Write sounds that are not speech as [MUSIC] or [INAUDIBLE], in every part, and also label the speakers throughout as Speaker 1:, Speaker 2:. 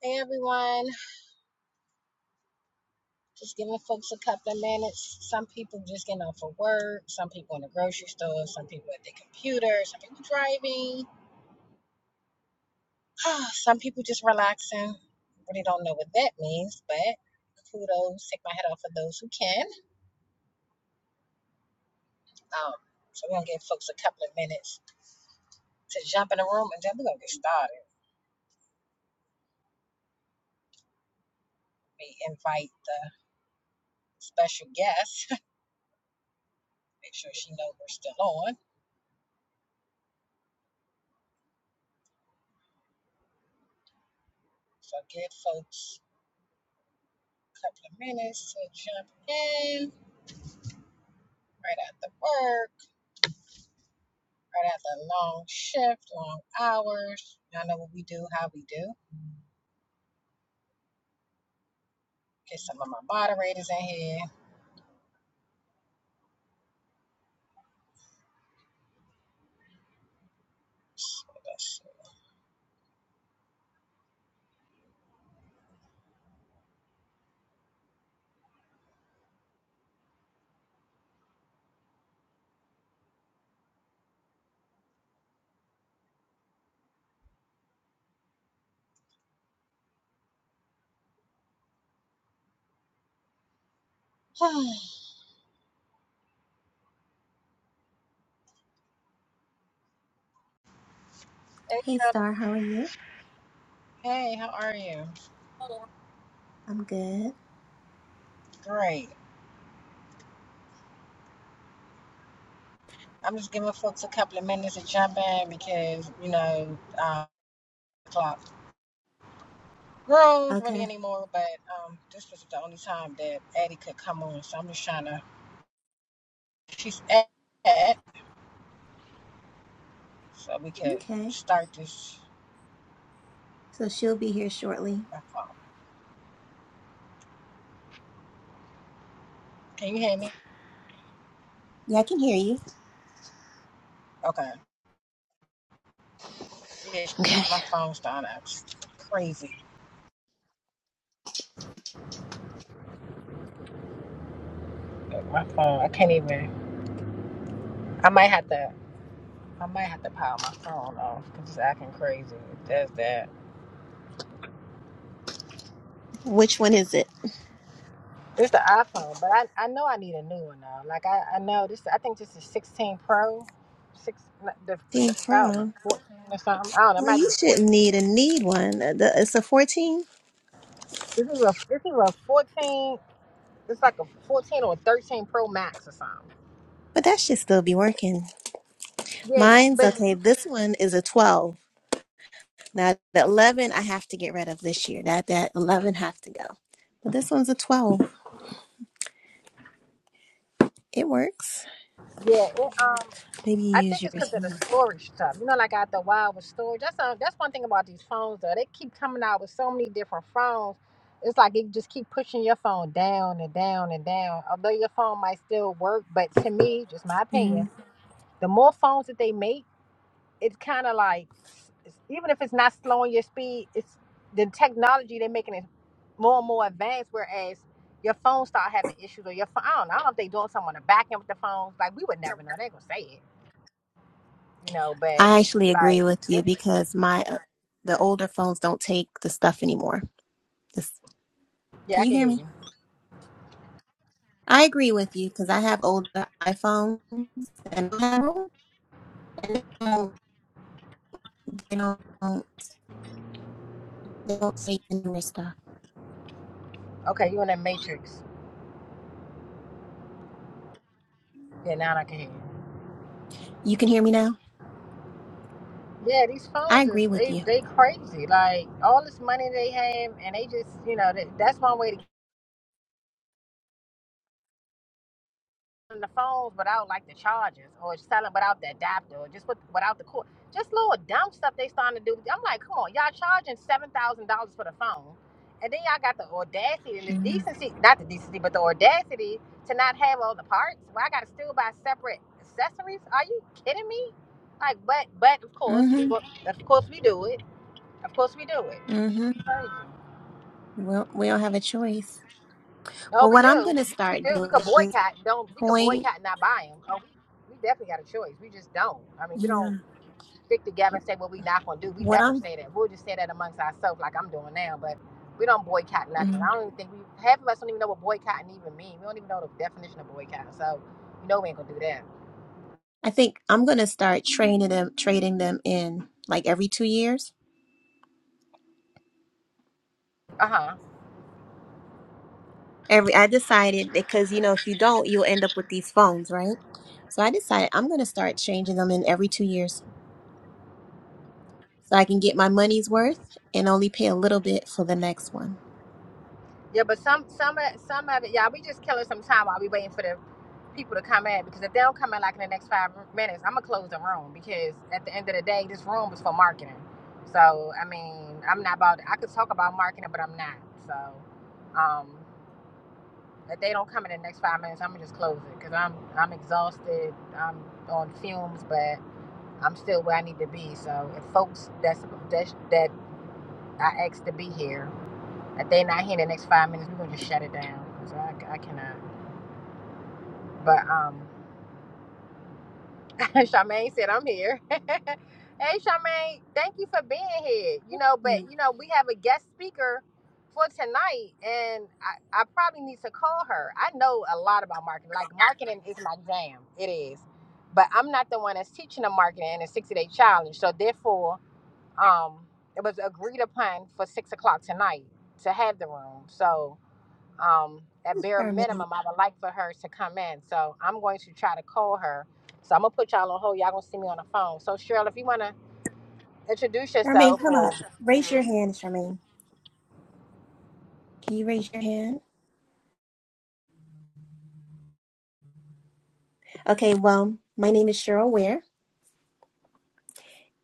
Speaker 1: Hey everyone, just giving folks a couple of minutes. Some people just getting off of work, some people in the grocery store, some people at their computer, some people driving, [SIGHS] some people just relaxing. Really don't know what that means, but kudos, take my head off of those who can. Um, so we're gonna give folks a couple of minutes to jump in the room and then we're gonna get started. We invite the special guest, [LAUGHS] make sure she knows we're still on. So give folks a couple of minutes to jump in. right after work, right after a long shift, long hours. Y'all know what we do, how we do. Get some of my moderators in here. [SIGHS] hey,
Speaker 2: Hey, Star, how are you?
Speaker 1: hey, how are you?
Speaker 2: I'm good.
Speaker 1: Great. I'm just giving folks a couple of minutes to jump in because, you know, uh, clock grows really
Speaker 2: Okay.
Speaker 1: anymore, but um, this was the only time that Addie could come on. So I'm just trying to, she's at, so we could
Speaker 2: Okay.
Speaker 1: start this.
Speaker 2: So she'll be here shortly.
Speaker 1: Can you hear me?
Speaker 2: Yeah, I can hear you.
Speaker 1: Okay. Yeah,
Speaker 2: Okay.
Speaker 1: my phone's dying out. It's crazy. My phone. I can't even. I might have to. I might have to power my phone off because it's acting crazy. It does that.
Speaker 2: Which one is it?
Speaker 1: This the iPhone, but I, I know I need a new one now. Like I, I know this. I think this is 16 Pro, six. The,
Speaker 2: Team
Speaker 1: the, I don't know,
Speaker 2: Pro.
Speaker 1: 14 or something. I don't know. It
Speaker 2: Well,
Speaker 1: might be
Speaker 2: you
Speaker 1: the 14.
Speaker 2: shouldn't need a need one. Uh, the- It's a 14,
Speaker 1: This is a. This is a 14. It's like a 14 or a 13 Pro Max or something.
Speaker 2: but that should still be working.
Speaker 1: Yeah,
Speaker 2: Mine's
Speaker 1: but
Speaker 2: okay. This one is a 12. Now, the 11 I have to get rid of this year. That that 11 has to go. But this one's a 12. It works.
Speaker 1: yeah, it, um,
Speaker 2: Maybe
Speaker 1: I
Speaker 2: you use
Speaker 1: think it's
Speaker 2: yours
Speaker 1: because of the
Speaker 2: more.
Speaker 1: storage stuff. You know, like out the wild with storage. That's uh, that's one thing about these phones though. They keep coming out with so many different phones. It's like it just keep pushing your phone down and down and down. Although your phone might still work, but to me, just my
Speaker 2: Mm-hmm.
Speaker 1: opinion, the more phones that they make, it's kind of like s- it's- even if it's not slowing your speed, it's the technology they're making it more and more advanced. Whereas your phone start having issues or your phone, I don't know, I don't know if they doing something on the back end with the phones. Like we would never know. They gonna say it you know, but
Speaker 2: I actually agree
Speaker 1: like,
Speaker 2: with you
Speaker 1: yep,
Speaker 2: because my uh, the older phones don't take the stuff anymore. This,
Speaker 1: yeah,
Speaker 2: can
Speaker 1: I
Speaker 2: you
Speaker 1: can
Speaker 2: hear
Speaker 1: hear
Speaker 2: me?
Speaker 1: you.
Speaker 2: I agree with you because I have older iPhones and I don't, they don't they don't take the newer stuff.
Speaker 1: Okay, you in that matrix. Yeah, now I can hear you.
Speaker 2: You can hear me now.
Speaker 1: Yeah, these
Speaker 2: I
Speaker 1: phones is
Speaker 2: agree with
Speaker 1: they
Speaker 2: you.
Speaker 1: they crazy. Like all this money they have, and they just you know that, that's one way to the phones without like the chargers or selling without the adapter or just with, without the cord. Just little dumb stuff they starting to do. I'm like, come on, y'all charging seven thousand dollars for the phone, and then y'all got the audacity and the
Speaker 2: Mm-hmm.
Speaker 1: decency—not the decency, but the audacity to not have all the parts. Well, I got to still buy separate accessories. Are you kidding me? Like, but but of course we go,
Speaker 2: Mm-hmm.
Speaker 1: of course we do it. Of course we do
Speaker 2: Mm-hmm.
Speaker 1: it.
Speaker 2: Well, we don't have a choice.
Speaker 1: Oh,
Speaker 2: Well,
Speaker 1: we
Speaker 2: what I'm
Speaker 1: do.
Speaker 2: going to
Speaker 1: We
Speaker 2: start
Speaker 1: do. We
Speaker 2: doing
Speaker 1: could
Speaker 2: at this
Speaker 1: boycott. Don't we could
Speaker 2: point,
Speaker 1: boycott and not buy them. Oh, we we definitely got a choice. We just don't. I mean, we
Speaker 2: yeah.
Speaker 1: don't stick together and say what we not gonna do. We
Speaker 2: What
Speaker 1: never
Speaker 2: I'm,
Speaker 1: say that. We'll just say that amongst ourselves, like I'm doing now. But we don't boycott nothing.
Speaker 2: mhm.
Speaker 1: I don't even think we half of us don't even know what boycotting even means. We don't even know the definition of boycott. So you know we ain't gonna do that.
Speaker 2: I think I'm going to start training them, trading them in like every two years.
Speaker 1: Uh huh.
Speaker 2: Every I decided because you know if you don't, you'll end up with these phones, right? So I decided I'm gonna start changing them in every two years so I can get my money's worth and only pay a little bit for the next one.
Speaker 1: Yeah, but some some of some of it, y'all, we just killing some time while we waiting for the people to come in because if they don't come in like in the next five minutes, I'm gonna close the room because at the end of the day, this room is for marketing. So I mean, I'm not about. I could talk about marketing, but I'm not. So um, if they don't come in the next five minutes, I'm gonna just close it because I'm I'm exhausted. I'm on fumes, but I'm still where I need to be. So if folks that's that's that I asked to be here if they not here in the next five minutes, we're gonna just shut it down. 'cause I, I cannot. But um, [LAUGHS] Charmaine said I'm here. [LAUGHS] hey, Charmaine, thank you for being here. You know,
Speaker 2: Hmm,
Speaker 1: but you know we have a guest speaker for tonight, and I, I probably need to call her. I know a lot about marketing. Like marketing is my jam. It is. But I'm not the one that's teaching the marketing in a 60 day challenge. So therefore, um, it was agreed upon for six o'clock tonight to have the room. So um, at bare
Speaker 2: Charmaine,
Speaker 1: minimum, I would like for her to come in. So I'm going to try to call her. So I'm gonna put y'all on hold. Y'all gonna see me on the phone. So Cheryl, if you wanna introduce
Speaker 2: Charmaine,
Speaker 1: yourself
Speaker 2: come
Speaker 1: or
Speaker 2: up. Raise your hand, Charmaine. Can you raise your hand? Okay, well, my name is Cheryl Ware.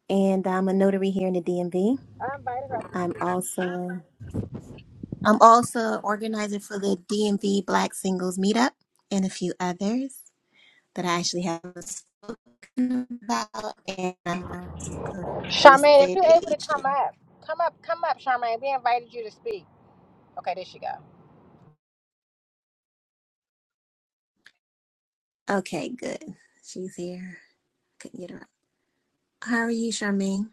Speaker 2: and I'm a notary here in the DMV.
Speaker 1: I invited her.
Speaker 2: I'm also I'm also organizer for the DMV Black Singles Meetup and a few others that I actually haven't spoken about. And I'm also a real
Speaker 1: Charmaine, if
Speaker 2: estate
Speaker 1: you're able to come
Speaker 2: agent.
Speaker 1: up, come up, come up, Charmaine. We invited you to speak. Okay, there she go.
Speaker 2: Okay, good. She's here. Couldn't get her. up. How are you, Charmaine?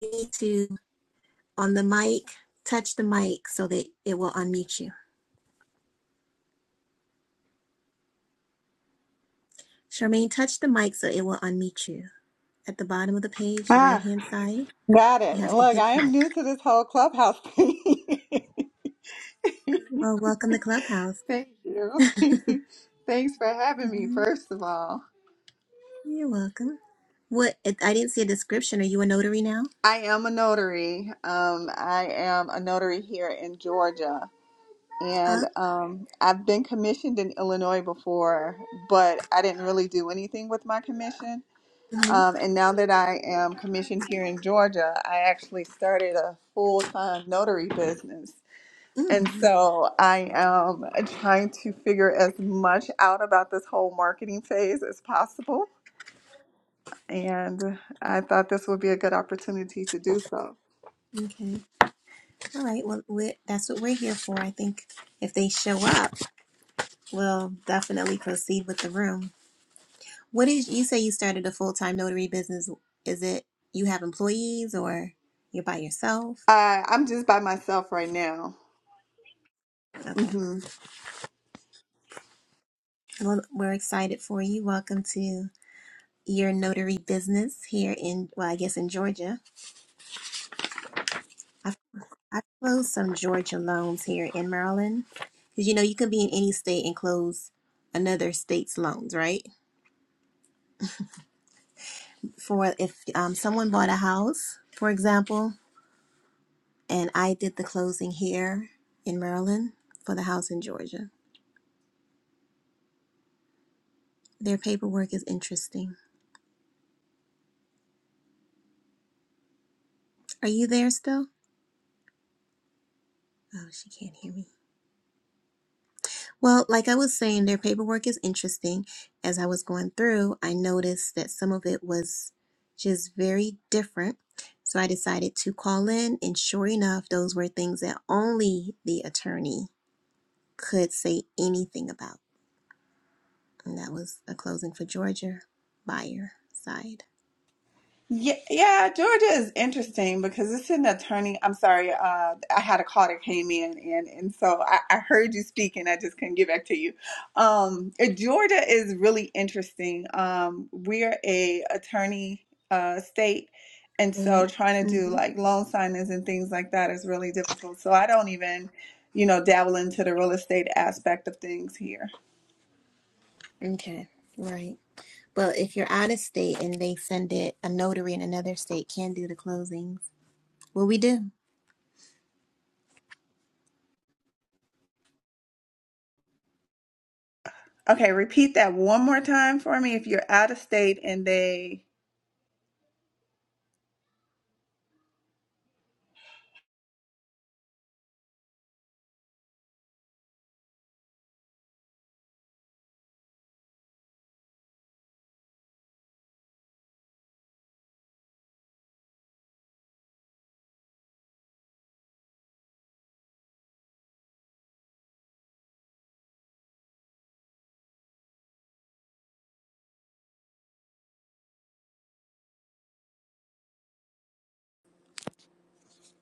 Speaker 2: You need to on the mic. Touch the mic so that it will unmute you. Charmaine, touch the mic so it will unmute you. At the bottom of the page, the right
Speaker 3: Ah,
Speaker 2: hand side,
Speaker 3: got
Speaker 2: you
Speaker 3: it.
Speaker 2: have to
Speaker 3: Look,
Speaker 2: hit
Speaker 3: I
Speaker 2: the
Speaker 3: am
Speaker 2: mic.
Speaker 3: new to this whole clubhouse thing. [LAUGHS]
Speaker 2: Well, welcome to Clubhouse.
Speaker 3: Thank
Speaker 2: [LAUGHS]
Speaker 3: you. [LAUGHS] Thanks for having me,
Speaker 2: hmm
Speaker 3: first of all.
Speaker 2: You're welcome. What? it- I didn't see a description. Are you a notary now?
Speaker 3: I am a notary. Um, I am a notary here in Georgia. And
Speaker 2: Oh,
Speaker 3: um, I've been commissioned in Illinois before, but I didn't really do anything with my commission.
Speaker 2: hmm
Speaker 3: Um, and now that I am commissioned here in Georgia, I actually started a full time notary business. And
Speaker 2: mm,
Speaker 3: so I am trying to figure as much out about this whole marketing phase as possible. And I thought this would be a good opportunity to do so.
Speaker 2: okay. All right. Well, we that's what we're here for. I think if they show up, we'll definitely proceed with the room. What is? You say you started a full time notary business. Is it you have employees or you're by yourself?
Speaker 3: I, I'm just by myself right now.
Speaker 2: Okay.
Speaker 3: Mm-hmm.
Speaker 2: Well, we're excited for you. Welcome to your notary business here in, well, I guess in Georgia. I closed some Georgia loans here in Maryland. Because you know, you can be in any state and close another state's loans, right? For if um, someone bought a house, for example, and I did the closing here in Maryland for the house in Georgia, their paperwork is interesting. Are you there still? Oh, she can't hear me. Well, like I was saying, their paperwork is interesting. As I was going through, I noticed that some of it was just very different. So I decided to call in, and sure enough, those were things that only the attorney could say anything about. And that was a closing for Georgia buyer side.
Speaker 3: Yeah, yeah, Georgia is interesting because it's an attorney. I'm sorry, uh, I had a call that came in, and and so I, I heard you speak, and I just couldn't get back to you. Um, uh, Georgia is really interesting. Um, we're a attorney uh, state, and so trying to do
Speaker 2: Mm-hmm.
Speaker 3: like loan signings and things like that is really difficult. So I don't even, you know, dabble into the real estate aspect of things here.
Speaker 2: Okay, right. Well, if you're out of state and they send it, a notary in another state can do the closings. What we do?
Speaker 3: Okay, repeat that one more time for me. If you're out of state and they,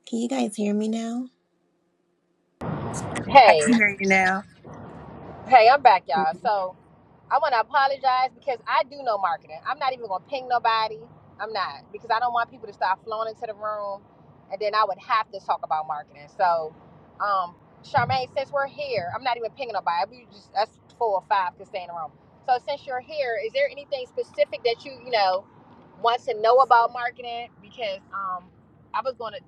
Speaker 2: Can you guys hear me now?
Speaker 3: I
Speaker 1: Hey,
Speaker 3: can hear you now.
Speaker 1: hey, I'm back, y'all. So, I want to apologize because I do know marketing. I'm not even going to ping nobody. I'm not because I don't want people to start flowing into the room, and then I would have to talk about marketing. So, um, Charmaine, since we're here, I'm not even pinging nobody. We just us four or five could stay in the room. So since you're here, is there anything specific that you you know want to know about marketing? Because um, I was going to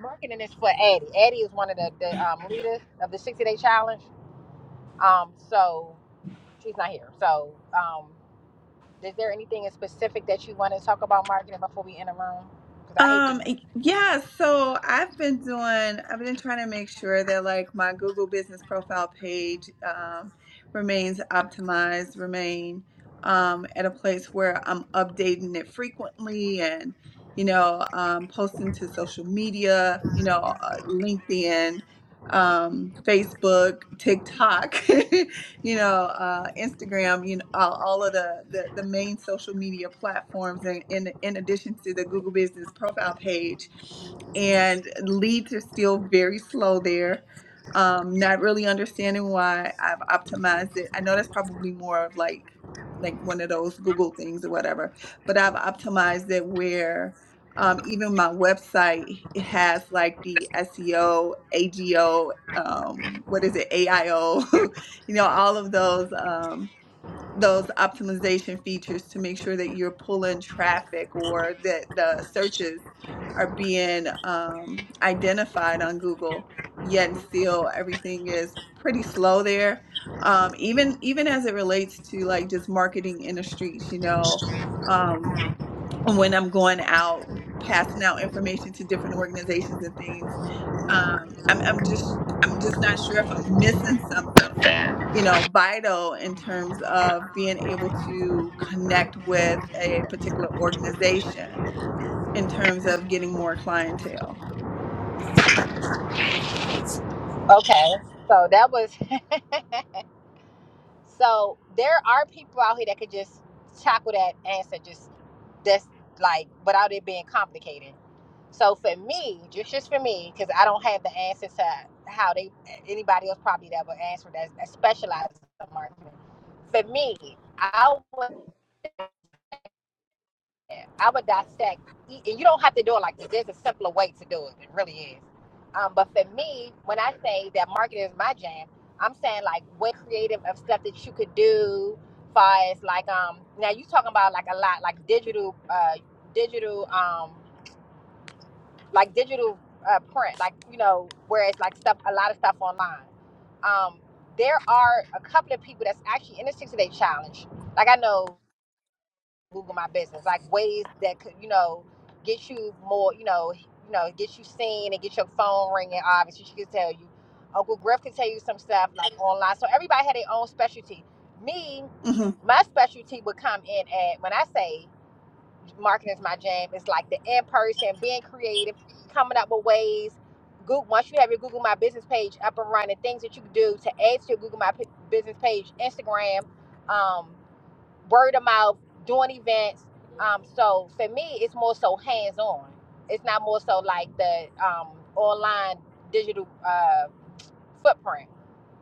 Speaker 1: marketing is for Addie. Addie is one of the the um, leaders of the 60 Day Challenge. Um, so. She's not here. So, um, is there anything in specific that you want to talk about marketing before we end the room? Because I hate to.
Speaker 3: Um, y- yeah, so I've been doing, I've been trying to make sure that like my Google business profile page um, remains optimized, remain um, at a place where I'm updating it frequently and, you know, um, posting to social media, you know, uh, LinkedIn, um, Facebook, TikTok. [LAUGHS] you know, uh, Instagram, you know, all, all of the, the the main social media platforms, and in in addition to the Google Business profile page, and leads are still very slow there. Um, not really understanding why I've optimized it. I know that's probably more of like like one of those Google things or whatever, but I've optimized it where um, even my website it has like the SEO, AGO, um, what is it, AIO [LAUGHS] you know all of those um those optimization features to make sure that you're pulling traffic or that the searches are being um, identified on google yet and still everything is pretty slow there um, even even as it relates to like just marketing in the streets you know um, when I'm going out passing out information to different organizations and things. Um, I'm, I'm just I'm just not sure if I'm missing something, you know, vital in terms of being able to connect with a particular organization in terms of getting more clientele.
Speaker 1: Okay. So that was. [LAUGHS] So there are people out here that could just tackle that answer just that's like without it being complicated. So for me, just just for me, because I don't have the answer to how they anybody else probably that would answer that, that specializes in marketing. For me, I would I would dissect, and you don't have to do it like this. There's a simpler way to do it. It really is. Um, but for me, when I say that marketing is my jam, I'm saying like what creative of stuff that you could do, far as like um now you talking about like a lot like digital uh digital um like digital uh, print like you know where it's like stuff a lot of stuff online. Um, there are a couple of people that's actually in the six day challenge. Like I know Google my business, like ways that could, you know, get you more, you know, you know, get you seen and get your phone ringing. Obviously, she could tell you. Uncle Griff could tell you some stuff like online. So everybody had their own specialty. Me, Mhm.
Speaker 3: hmm
Speaker 1: my specialty would come in at when I say marketing is my jam. It's like the in person, being creative, coming up with ways. Google, once you have your Google My Business page up and running, things that you can do to add to your Google My P- Business page, Instagram. um, word of mouth, doing events. Um, so for me, it's more so hands on. It's not more so like the um, online digital uh, footprint.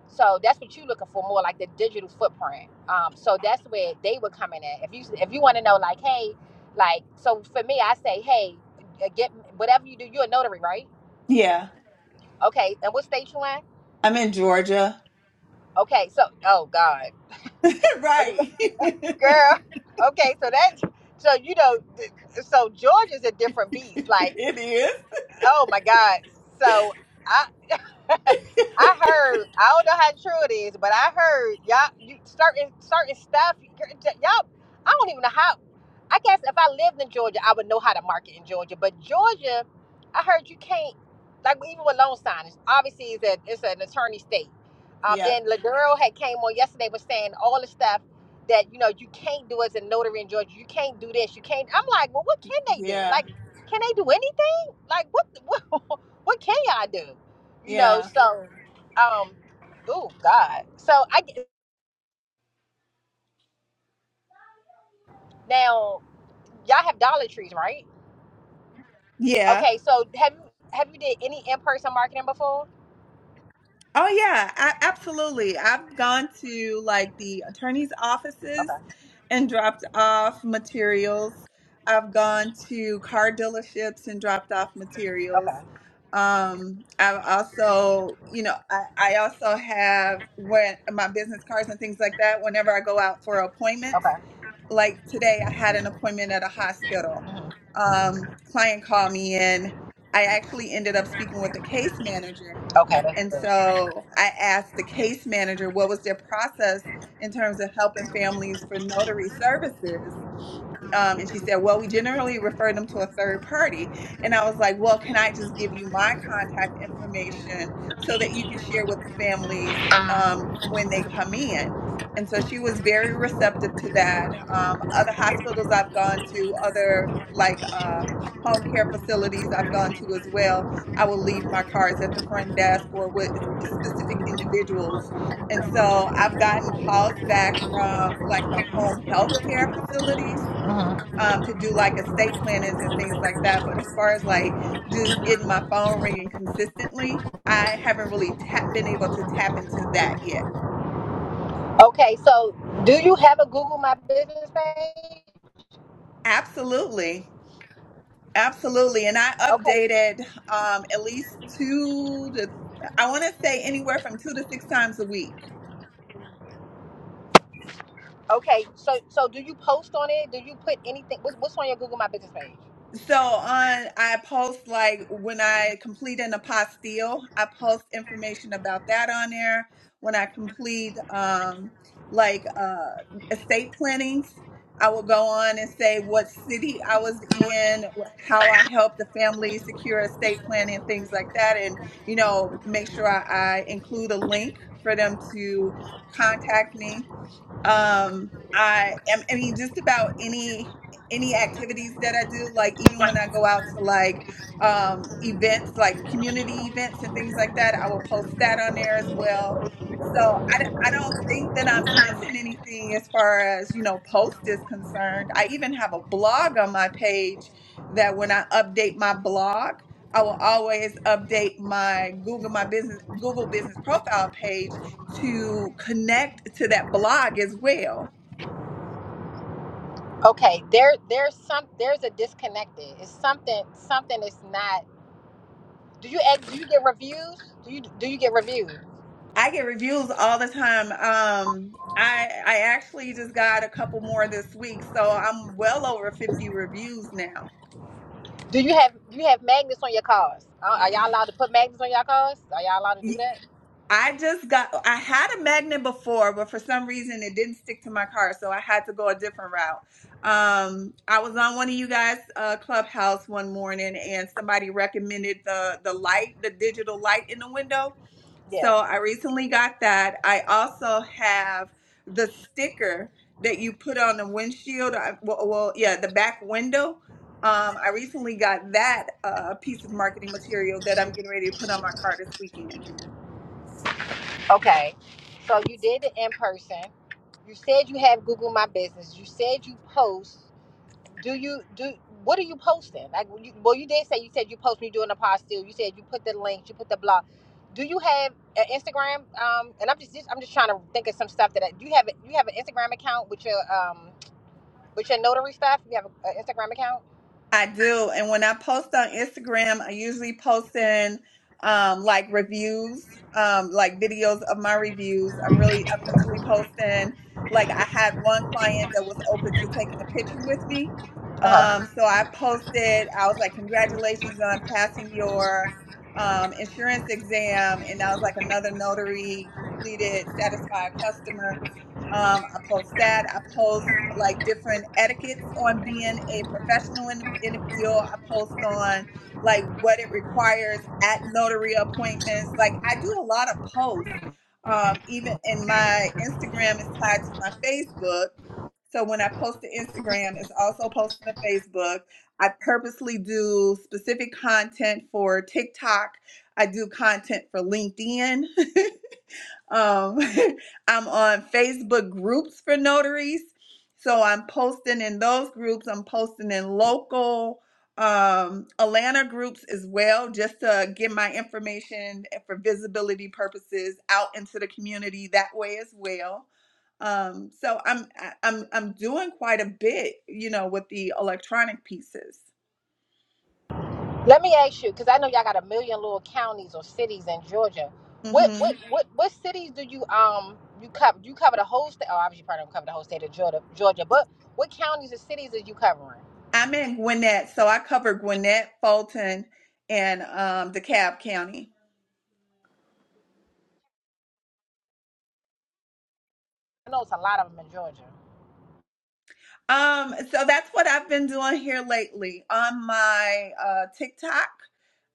Speaker 1: So that's what you're looking for, more like the digital footprint. Um, so that's where they were coming at. If you if you want to know, like, hey, like, so for me, I say, hey, uh, get whatever you do, you're a notary, right?
Speaker 3: Yeah,
Speaker 1: Okay, and what state you in?
Speaker 3: I'm in Georgia.
Speaker 1: Okay, so oh God,
Speaker 3: [LAUGHS] right, [LAUGHS]
Speaker 1: girl. Okay, so that's so you know, th- so Georgia's a different beast. Like,
Speaker 3: it is.
Speaker 1: oh my God. So. I. I heard. I don't know how true it is, but I heard y'all you- certain certain stuff. Y'all, I don't even know how. I guess if I lived in Georgia, I would know how to market in Georgia. But Georgia, I heard you can't like even with loan signings. Obviously, it's a, it's an attorney state. Um,
Speaker 3: Yep.
Speaker 1: then Laduro had came on yesterday was saying all the stuff that you know you can't do as a notary in Georgia. You can't do this. You can't. I'm like, well, what can they do?
Speaker 3: Yeah.
Speaker 1: Like, can they do anything? Like, what [LAUGHS] what, what can y'all do? you know
Speaker 3: Yeah.
Speaker 1: so um oh god so i get- now y'all have dollar trees right
Speaker 3: Yeah.
Speaker 1: okay so have you have you did any in-person marketing before
Speaker 3: Oh yeah, a- absolutely. I've gone to like the attorney's offices
Speaker 1: okay
Speaker 3: and dropped off materials. I've gone to car dealerships and dropped off
Speaker 1: okay
Speaker 3: materials. Um, I've also, you know, I, I also have when my business cards and things like that. Whenever I go out for appointments,
Speaker 1: okay
Speaker 3: like today I had an appointment at a hospital.
Speaker 1: hmm
Speaker 3: Um, client called me in. I actually ended up speaking with the case manager.
Speaker 1: okay
Speaker 3: And
Speaker 1: that's
Speaker 3: so I asked the case manager what was their process in terms of helping families for notary services. Um, and she said, Well, we generally refer them to a third party. And I was like, Well, can I just give you my contact information so that you can share with the families um, when they come in? and so she was very receptive to that. Um, other hospitals I've gone to, other
Speaker 1: good
Speaker 3: like uh, home care facilities I've gone to as well. I will leave my cards at the front desk or with specific individuals. And so I've gotten calls back from like the home health care facilities
Speaker 1: hmm
Speaker 3: um, to do like estate plannings and things like that. But as far as like just getting my phone ringing consistently, I haven't really tap- been able to tap into that yet.
Speaker 1: Okay, so do you have a Google My Business page?
Speaker 3: Absolutely. Absolutely. And I
Speaker 1: Okay,
Speaker 3: updated um, at least two to, I want to say anywhere from two to six times a week.
Speaker 1: okay. So so do you post on it? Do you put anything? What's, what's on your Google My Business page?
Speaker 3: So on, I post like when I complete an apostille, I post information about that on there. When I complete um like uh estate plannings, I will go on
Speaker 1: I'm
Speaker 3: and say what city I was
Speaker 1: so
Speaker 3: in, wh- how I helped the family secure estate planning, things like that, and you know make sure I, I include a link for them to contact me um i am i mean just about any any activities that i do like even when i go out to like um events like community events and things like that i will post that on there as
Speaker 1: much
Speaker 3: well
Speaker 1: more
Speaker 3: so I, d- I don't think that i'm
Speaker 1: than
Speaker 3: missing
Speaker 1: you need.
Speaker 3: anything as far as you know post is concerned i even have a blog on my page that when i update my blog i will always update my google my business google business profile page to connect to that blog as well.
Speaker 1: Okay, there there's some there's a disconnect there. It's something something is not. Do you act? Do you get reviews? Do you do you get reviews?
Speaker 3: I get reviews all the time. Um, I I actually just got a couple more this week, so I'm well over 50 reviews now.
Speaker 1: Do you have you have magnets on your cars? Are are y'all allowed to put magnets on your cars? Are y'all allowed to do that?
Speaker 3: I just got I had a magnet before, but for some reason it didn't stick to my car, so I had to go a different route. Um, I was on one of you guys' uh, clubhouse one morning, and somebody recommended the the light, the digital light in the window
Speaker 1: Yeah.
Speaker 3: So I recently got that. I also have the sticker that you put on the windshield. I, well, well, yeah, the back window. Um, I recently got that uh, piece of marketing material that I'm getting ready to put on my car this weekend.
Speaker 1: Okay. So you did it in person. You said you have Google My Business. You said you post. do you do what are you posting like you, well you did say you said you post when you're doing a pod still you said you put the links you put the blog do you have an instagram um and i'm just, just i'm just trying to think of some stuff that I, do you have you have an instagram account with your um with your notary stuff you have an instagram account
Speaker 3: I do. And when I post on Instagram, I usually post in um, like reviews, um, like videos of my reviews. I'm really, I'm usually posting, like, I had one client that was open to taking a picture with me.
Speaker 1: uh-huh
Speaker 3: Um, so I posted, I was like, congratulations on passing your um, insurance exam. And I was like, another notary completed, satisfied customer. Um, I post that. I post like different etiquettes on being a professional in the, in the field. I post on like what it requires at notary appointments. Like I do a lot of posts. Um, even in my Instagram is tied to my Facebook. So when I post to Instagram, it's also posted to Facebook. I purposely do specific content for TikTok. I do content for LinkedIn. [LAUGHS] Um, [LAUGHS] I'm on Facebook groups for notaries. So I'm posting in those groups. I'm posting in local um, Atlanta groups as well, just to get my information for visibility purposes out into the community that way as well. Um, so I'm I- I'm I'm doing quite a bit, you know, with the electronic pieces.
Speaker 1: Let me ask you, because I know y'all got a million little counties or cities in Georgia. What
Speaker 3: hmm
Speaker 1: what what what cities do you um you cover? You cover the whole state. Oh, obviously, you probably don't cover the whole state of Georgia, Georgia. But what counties or cities are you covering?
Speaker 3: I'm in Gwinnett, so I cover Gwinnett, Fulton, and um, DeKalb County.
Speaker 1: I know it's a lot of them in Georgia.
Speaker 3: Um, so that's what I've been doing here lately on my uh, TikTok.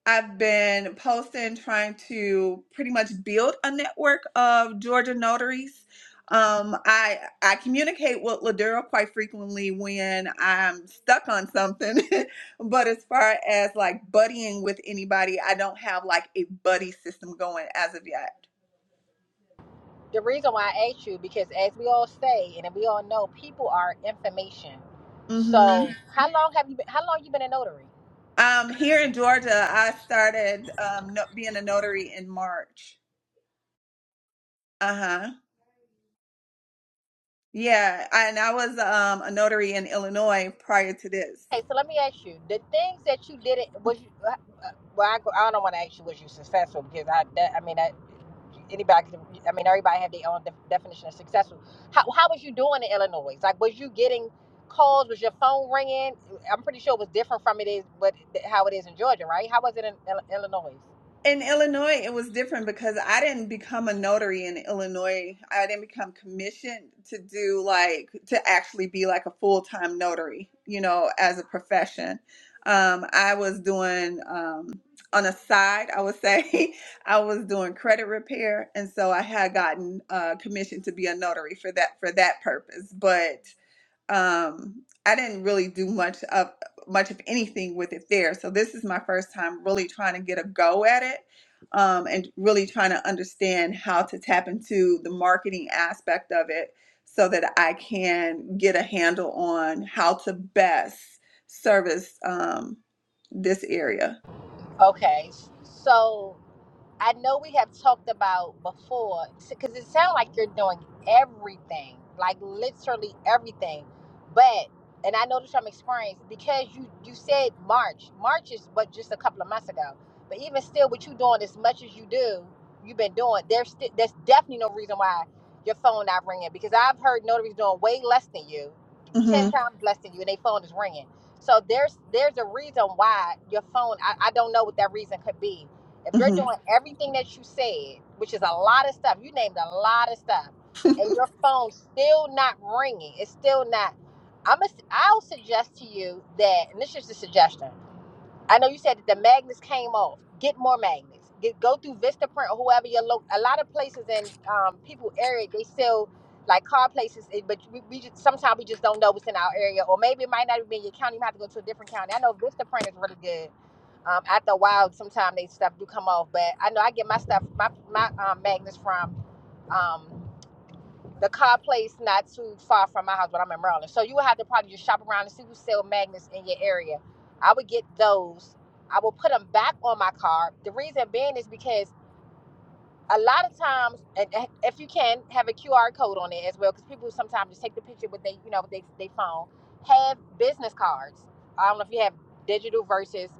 Speaker 3: I've been posting, trying to pretty much build a network of Georgia notaries. Um, I I communicate with Ladura quite frequently when I'm stuck on something, [LAUGHS] but as far as like buddying with anybody, I don't have like a buddy system going as of yet.
Speaker 1: The reason why I asked you because, as we all say, and we all know, people are information. So,
Speaker 3: hmm
Speaker 1: Mhm. how long have you been? How long you been a notary?
Speaker 3: Um, here in Georgia, I started um, no- being a notary in March. Uh-huh. Yeah, I- and I was um, a notary in Illinois prior to this.
Speaker 1: Okay, so let me ask you: the things that you did it was you, uh, uh, well, I, I don't want to ask you was you successful because I that, I mean that anybody can, I mean everybody have their own def- definition of successful. How how was you doing in Illinois? Like, was you getting calls? Was your phone ringing? I'm pretty sure it was different from it is what how it is in Georgia, right? How was it in Ill- Illinois?
Speaker 3: In Illinois, it was different because I didn't become a notary in Illinois. I didn't become commissioned to do like to actually be like a full-time notary, you know, as a profession. Um, I was doing um, on a side, I would say, [LAUGHS] I was doing credit repair, and so I had gotten uh, commissioned to be a notary for that for that purpose, but. um I didn't really do much of much of anything with it there. So this is my first time really trying to get a go at it um and really trying to understand how to tap into the marketing aspect of it so that I can get a handle on how to best service um this area.
Speaker 1: Okay, so. I know we have talked about before because it sounds like you're doing everything, like literally everything. But and I know this from experience because you you said March. March is but just a couple of months ago. But even still, what you doing as much as you do, you've been doing. There's sti- there's definitely no reason why your phone not ringing because I've heard notaries doing way less than you, ten [LAUGHS]
Speaker 3: Mhm.
Speaker 1: times less than you, and their phone is ringing. So there's there's a reason why your phone. I, I don't know what that reason could be if you're
Speaker 3: Mhm.
Speaker 1: doing everything that you said, which is a lot of stuff, you named a lot of stuff, and your phone's still not ringing, it's still not. I'm a, I'll suggest to you that, and this is just a suggestion. I know you said that the magnets came off. Get more magnets. Get go through Vistaprint or whoever your lo- a lot of places in um, people area they sell like car places, eh, but we, we just sometimes we just don't know what's in our area, or maybe it might not even be in your county. You might have to go to a different county. I know Vistaprint is really good. Um, after a while, sometimes they stuff do come off, but I know I get my stuff my my um, magnets from. um, the car place not too far from my house, but I'm in Maryland. So you would have to probably just shop around and see who sell magnets in your area. I would get those. I will put them back on my car. The reason being is because a lot of times, if you can, have a QR code on it as well, because people sometimes just take the picture with they, you know, they they phone. Have business cards. I don't know if you have digital versus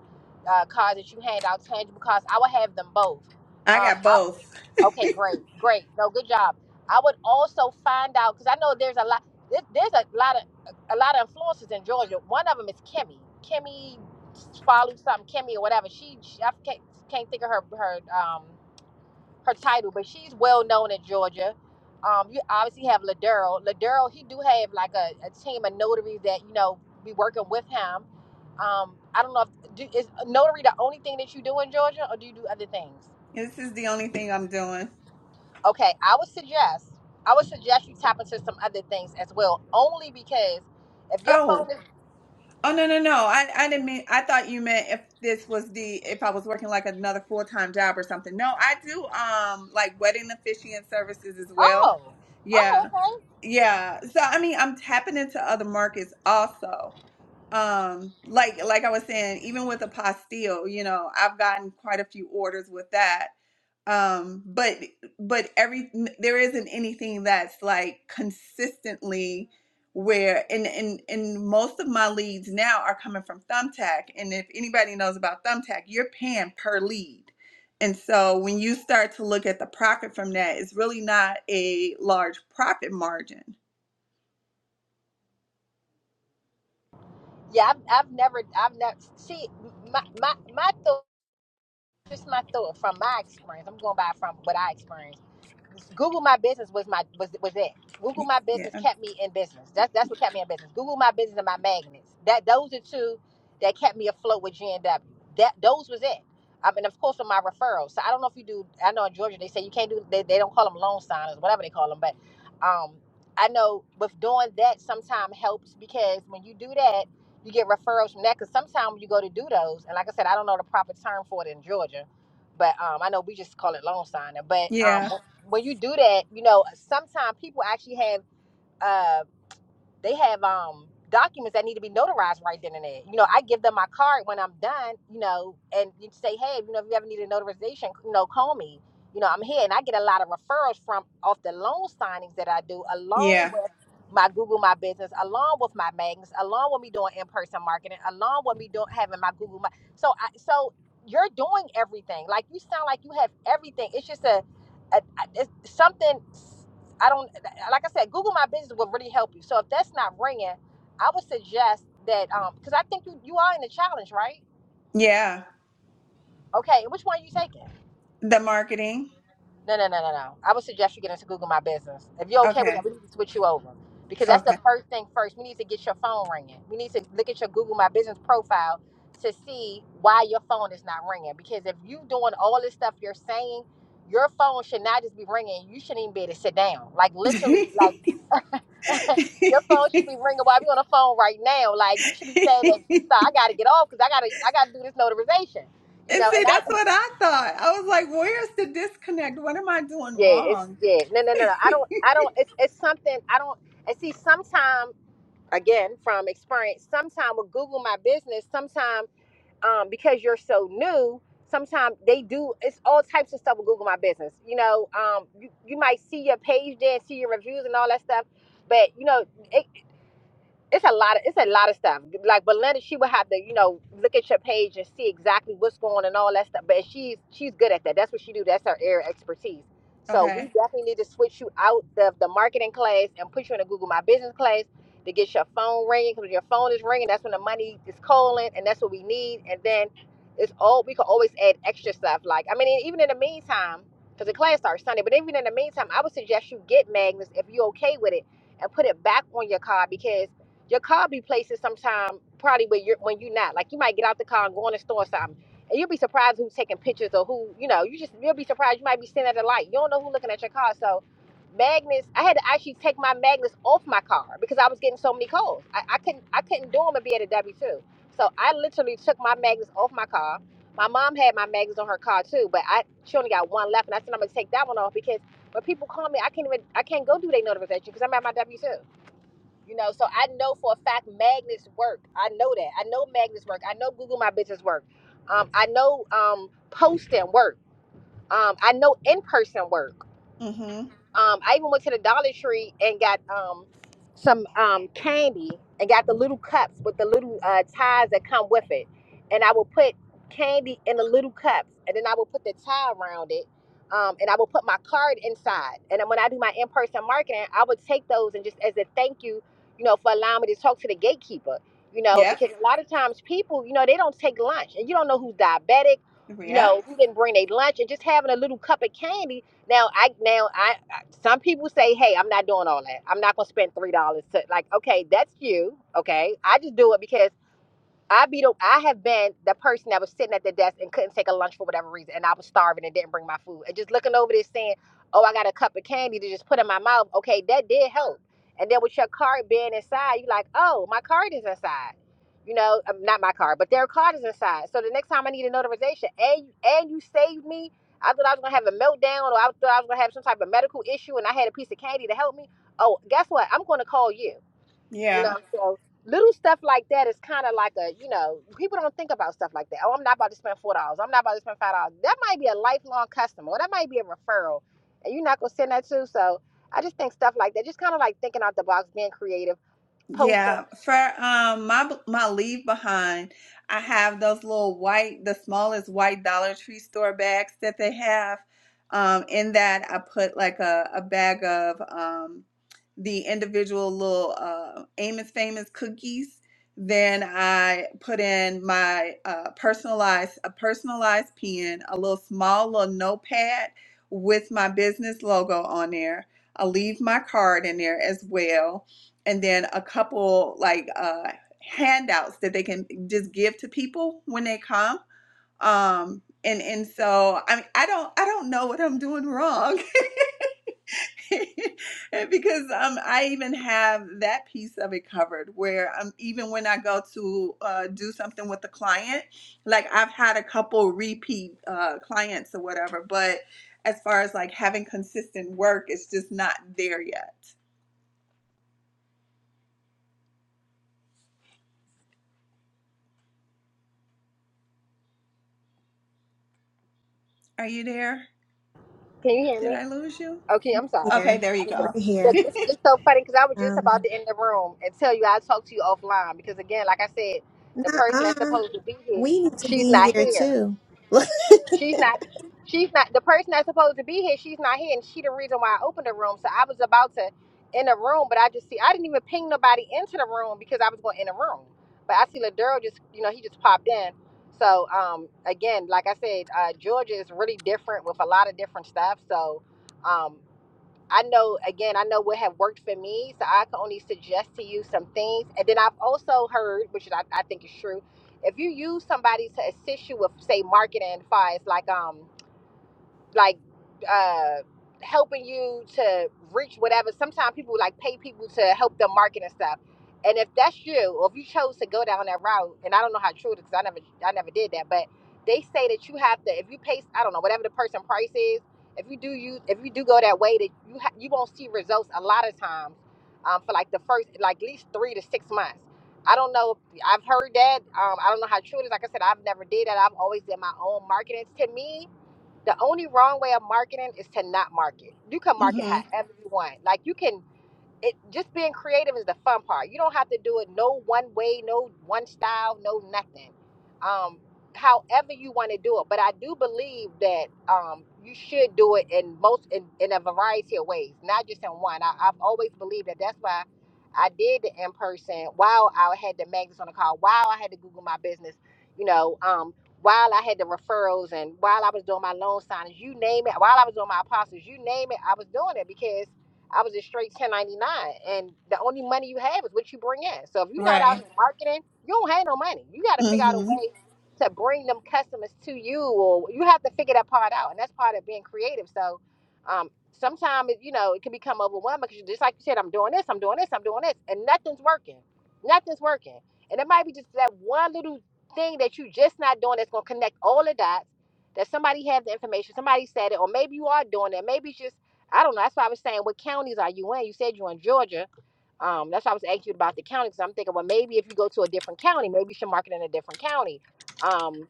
Speaker 1: uh, cards that you hand out, tangible cards. I would have them both.
Speaker 3: I
Speaker 1: Um,
Speaker 3: got
Speaker 1: I,
Speaker 3: both.
Speaker 1: Okay, great, great. No, good job. I would also find out because I know there's a lot. There, there's a lot of a lot of influencers in Georgia. One of them is Kimmy. Kimmy follow something. Kimmy or whatever. She, she I can't, can't think of her her um her title, but she's well known in Georgia. Um, you obviously have Ladero. Ladero, he do have like a, a team of notaries that you know be working with him. Um, I don't know if do, is notary the only thing that you do in Georgia, or do you do other things?
Speaker 3: This is the only thing I'm doing.
Speaker 1: Okay, I would suggest I would suggest you tap into some other things as well, only because if your
Speaker 3: Oh.
Speaker 1: phone is
Speaker 3: Oh no no no! I I didn't mean. I thought you meant if this was the if I was working like another full time job or something. No, I do um like wedding officiant services as well.
Speaker 1: oh oh
Speaker 3: Yeah,
Speaker 1: okay
Speaker 3: yeah. So I mean, I'm tapping into other markets also. Um, like like I was saying, even with a pastille, you know, I've gotten quite a few orders with that um but but every there isn't anything that's like consistently where and and and most of my leads now are coming from thumbtack and if anybody knows about thumbtack you're paying per lead and so when you start to look at the profit from that it's really not a large profit margin
Speaker 1: yeah I've, I've never I've never see my my my thought just my thought from my experience. I'm going by from what I experienced Google My Business was my was was it. Google My Business
Speaker 3: yeah
Speaker 1: kept me in business. That's that's what kept me in business. Google My Business and my magnets. That those are two that kept me afloat with GNW. That those was it. I mean, of course, with my referrals. So I don't know if you do. I know in Georgia they say you can't do. They, they don't call them loan signers, whatever they call them. But um, I know with doing that sometimes helps because when you do that, you get referrals from that. Because sometimes when you go to do those, and like I said, I don't know the proper term for it in Georgia, but um, I know we just call it loan signing. But um,
Speaker 3: yeah
Speaker 1: when you do that, you know, sometimes people actually have um they have um documents that need to be notarized right then and there. You know, I give them my card when I'm done, you know, and you say, hey, you know, if you ever need a notarization, you know, call me. You know, I'm here, and I get a lot of referrals from off the loan signings that I do, along
Speaker 3: yeah
Speaker 1: with my Google My Business, along with my magnets, along with me doing in-person marketing, along with me doing having my Google My. So, I, so you're doing everything. Like you sound like you have everything. It's just a, a, a- it's something. I don't like I said, Google My Business will really help you. So if that's not ringing, I would suggest that um, because I think you you are in the challenge, right?
Speaker 3: yeah
Speaker 1: Okay, which one are you taking?
Speaker 3: the marketing
Speaker 1: No, no, no, no, no. I would suggest you get into Google My Business. If you're okay with that,
Speaker 3: okay
Speaker 1: we need to switch you over because that's the
Speaker 3: okay
Speaker 1: first thing first. We need to get your phone ringing. We need to look at your Google My Business profile to see why your phone is not ringing. Because if you doing all this stuff you're saying, your phone should not just be ringing. You shouldn't even be able to sit down. Like literally, like [LAUGHS] Your phone should be ringing while we on the phone right now. Like you should be saying that.
Speaker 3: [LAUGHS]
Speaker 1: So I gotta get off because I gotta I gotta do this notarization. You
Speaker 3: And
Speaker 1: know,
Speaker 3: see,
Speaker 1: and I
Speaker 3: that's
Speaker 1: [LAUGHS]
Speaker 3: what I thought. I was like, where's the disconnect? What am I doing
Speaker 1: yeah, it's
Speaker 3: wrong? [LAUGHS]
Speaker 1: yeah. No, no, no, no. I don't I don't it's it's something I don't and see sometime again from experience, sometime with Google my business, sometime um because you're so new, sometimes they do it's all types of stuff with Google my business. You know, um you, you might see your page there, see your reviews and all that stuff. But you know, it, it's a lot of it's a lot of stuff. Like Belinda, she would have to, you know, look at your page and see exactly what's going on and all that stuff. But she's she's good at that. That's what she do. That's her area of expertise. So we
Speaker 3: Okay.
Speaker 1: definitely need to switch you out of the marketing class and put you in a Google My Business class to get your phone ringing because when your phone is ringing. That's when the money is calling, and that's what we need. And then it's all we can always add extra stuff. Like I mean, even in the meantime, because the class starts Sunday. But even in the meantime, I would suggest you get Magnus if you're okay with it and put it back on your card because your car be places sometime probably where you're when you're not. Like you might get out the car and go in the store or something. And you'll be surprised who's taking pictures or who, you know, you just you'll be surprised you might be standing at a light. You don't know who's looking at your car. So magnets I had to actually take my magnets off my car because I was getting so many calls. I, I couldn't I couldn't do them and be at a W two. So I literally took my magnets off my car. My mom had my magnets on her car too, but I she only got one left and I said I'm gonna take that one off because when people call me I can't even I can't go do their notification because I'm at my W two. You know, so I know for a fact magnets work. I know that. I know magnets work. I know Google My Business work. Um, I know um, posting work. Um, I know in person work.
Speaker 3: Mm-hmm.
Speaker 1: Um, I even went to the Dollar Tree and got um, some um, candy and got the little cups with the little uh, ties that come with it. And I would put candy in the little cups and then I would put the tie around it. Um, and I would put my card inside. And then when I do my in person marketing, I would take those and just as a thank you, you know, for allowing me to talk to the gatekeeper, you know,
Speaker 3: Yep.
Speaker 1: because a lot of times people, you know, they don't take lunch and you don't know who's diabetic, you
Speaker 3: Yep.
Speaker 1: know, who didn't bring their lunch and just having a little cup of candy now I now I I- some people say, "Hey, I'm not doing all that. I'm not going to spend three dollars to like." Okay, that's you. Okay, I just do it because. I be the, I have been the person that was sitting at the desk and couldn't take a lunch for whatever reason, and I was starving and didn't bring my food, and just looking over this saying, "Oh, I got a cup of candy to just put in my mouth." Okay, that did help. And then with your card being inside, you are like, "Oh, my card is inside." You know, um, not my card, but their card is inside. So the next time I need a notarization, and and you saved me. I thought I was gonna have a meltdown, or I thought I was gonna have some type of medical issue, and I had a piece of candy to help me. Oh, guess what? I'm gonna call you you
Speaker 3: Yeah.
Speaker 1: know, so little stuff like that is kind of like a, you know, people don't think about stuff like that. Oh, I'm not about to spend four dollars. I'm not about to spend five dollars. That might be a lifelong customer, or that might be a referral, and you're not gonna send that to. So I just think stuff like that, just kind of like thinking out the box, being creative, posting.
Speaker 3: Yeah, for um my my leave behind, I have those little white, the smallest white Dollar Tree store bags that they have. Um, in that I put like a, a bag of um the individual little uh Amos Famous cookies. Then I put in my uh personalized a personalized pen, a little small little notepad with my business logo on there. I leave my card in there as well and then a couple like uh handouts that they can just give to people when they come um and and so i mean, i don't i don't know what i'm doing wrong [LAUGHS] because um i even have that piece of it covered where um even when i go to uh do something with the client like i've had a couple repeat uh clients or whatever but as far as like having consistent work it's just not there yet are you there
Speaker 1: Can you hear
Speaker 3: did
Speaker 1: me?
Speaker 3: i lose you
Speaker 1: Okay, I'm sorry.
Speaker 3: Okay,
Speaker 2: Here,
Speaker 3: there
Speaker 1: I
Speaker 3: you
Speaker 1: need to-
Speaker 2: we're
Speaker 3: go.
Speaker 2: here.
Speaker 1: Look, it's
Speaker 3: [LAUGHS]
Speaker 1: it's so funny because I was just about
Speaker 2: Um,
Speaker 1: to end the room and tell you I'll talk to you offline because again, like I said, the person
Speaker 2: uh
Speaker 1: that's supposed to be here,
Speaker 2: we need to
Speaker 1: she's
Speaker 2: be
Speaker 1: not
Speaker 2: here
Speaker 1: here.
Speaker 2: too. [LAUGHS]
Speaker 1: She's not. She's not the person that's supposed to be here. She's not here, and she the reason why I opened the room. So I was about to in the room, but I just see I didn't even ping nobody into the room because I was going in the room. But I see Ladero just you know he just popped in. So um again, like I said, uh, Georgia is really different with a lot of different stuff. So. um I know again, I know what have worked for me, so I can only suggest to you some things. And then I've also heard, which I, I think is true, if you use somebody to assist you with, say, marketing, as far as like um like uh helping you to reach whatever sometimes people like pay people to help them market and stuff and if that's you or if you chose to go down that route and i don't know how true it is 'cause i never i never did that but they say that you have to if you pay i don't know whatever the person price is if you do use if you do go that way that you ha- you won't see results a lot of times um, for like the first like at least three to six months i don't know If- i've heard that um, i don't know how true it is like i said i've never did that i've always did my own marketing to me the only wrong way of marketing is to not market. You can market
Speaker 3: hmm
Speaker 1: however you want. Like you can it just being creative is the fun part. You don't have to do it no one way, no one style, no nothing. Um, however you want to do it. But I do believe that um, you should do it in most in, in a variety of ways, not just in one. I, I've always believed that. That's why I did the in person. While I had the magnets on the call, while I had to Google my business, you know. Um, while I had the referrals and while I was doing my loan signings, you name it, while I was doing my apostles, you name it, I was doing it because I was just straight 1099. And the only money you have is what you bring in. So if you're not out
Speaker 3: Right.
Speaker 1: here marketing, you don't have no money. You got to figure out a
Speaker 3: hmm
Speaker 1: way to bring them customers to you, or you have to figure that part out. And that's part of being creative. So um, sometimes, you know, it can become overwhelming because just like you said, I'm doing this, I'm doing this, I'm doing this, and nothing's working. Nothing's working. And it might be just that one little thing that you just not doing that's going to connect all the dots that somebody have the information, somebody said it, or maybe you are doing it. Maybe it's just I don't know. That's why I was saying, what counties are you in? You said you're in Georgia. Um, that's why I was asking you about the county because I'm thinking, well, maybe if you go to a different county, maybe you should market in a different county. Um,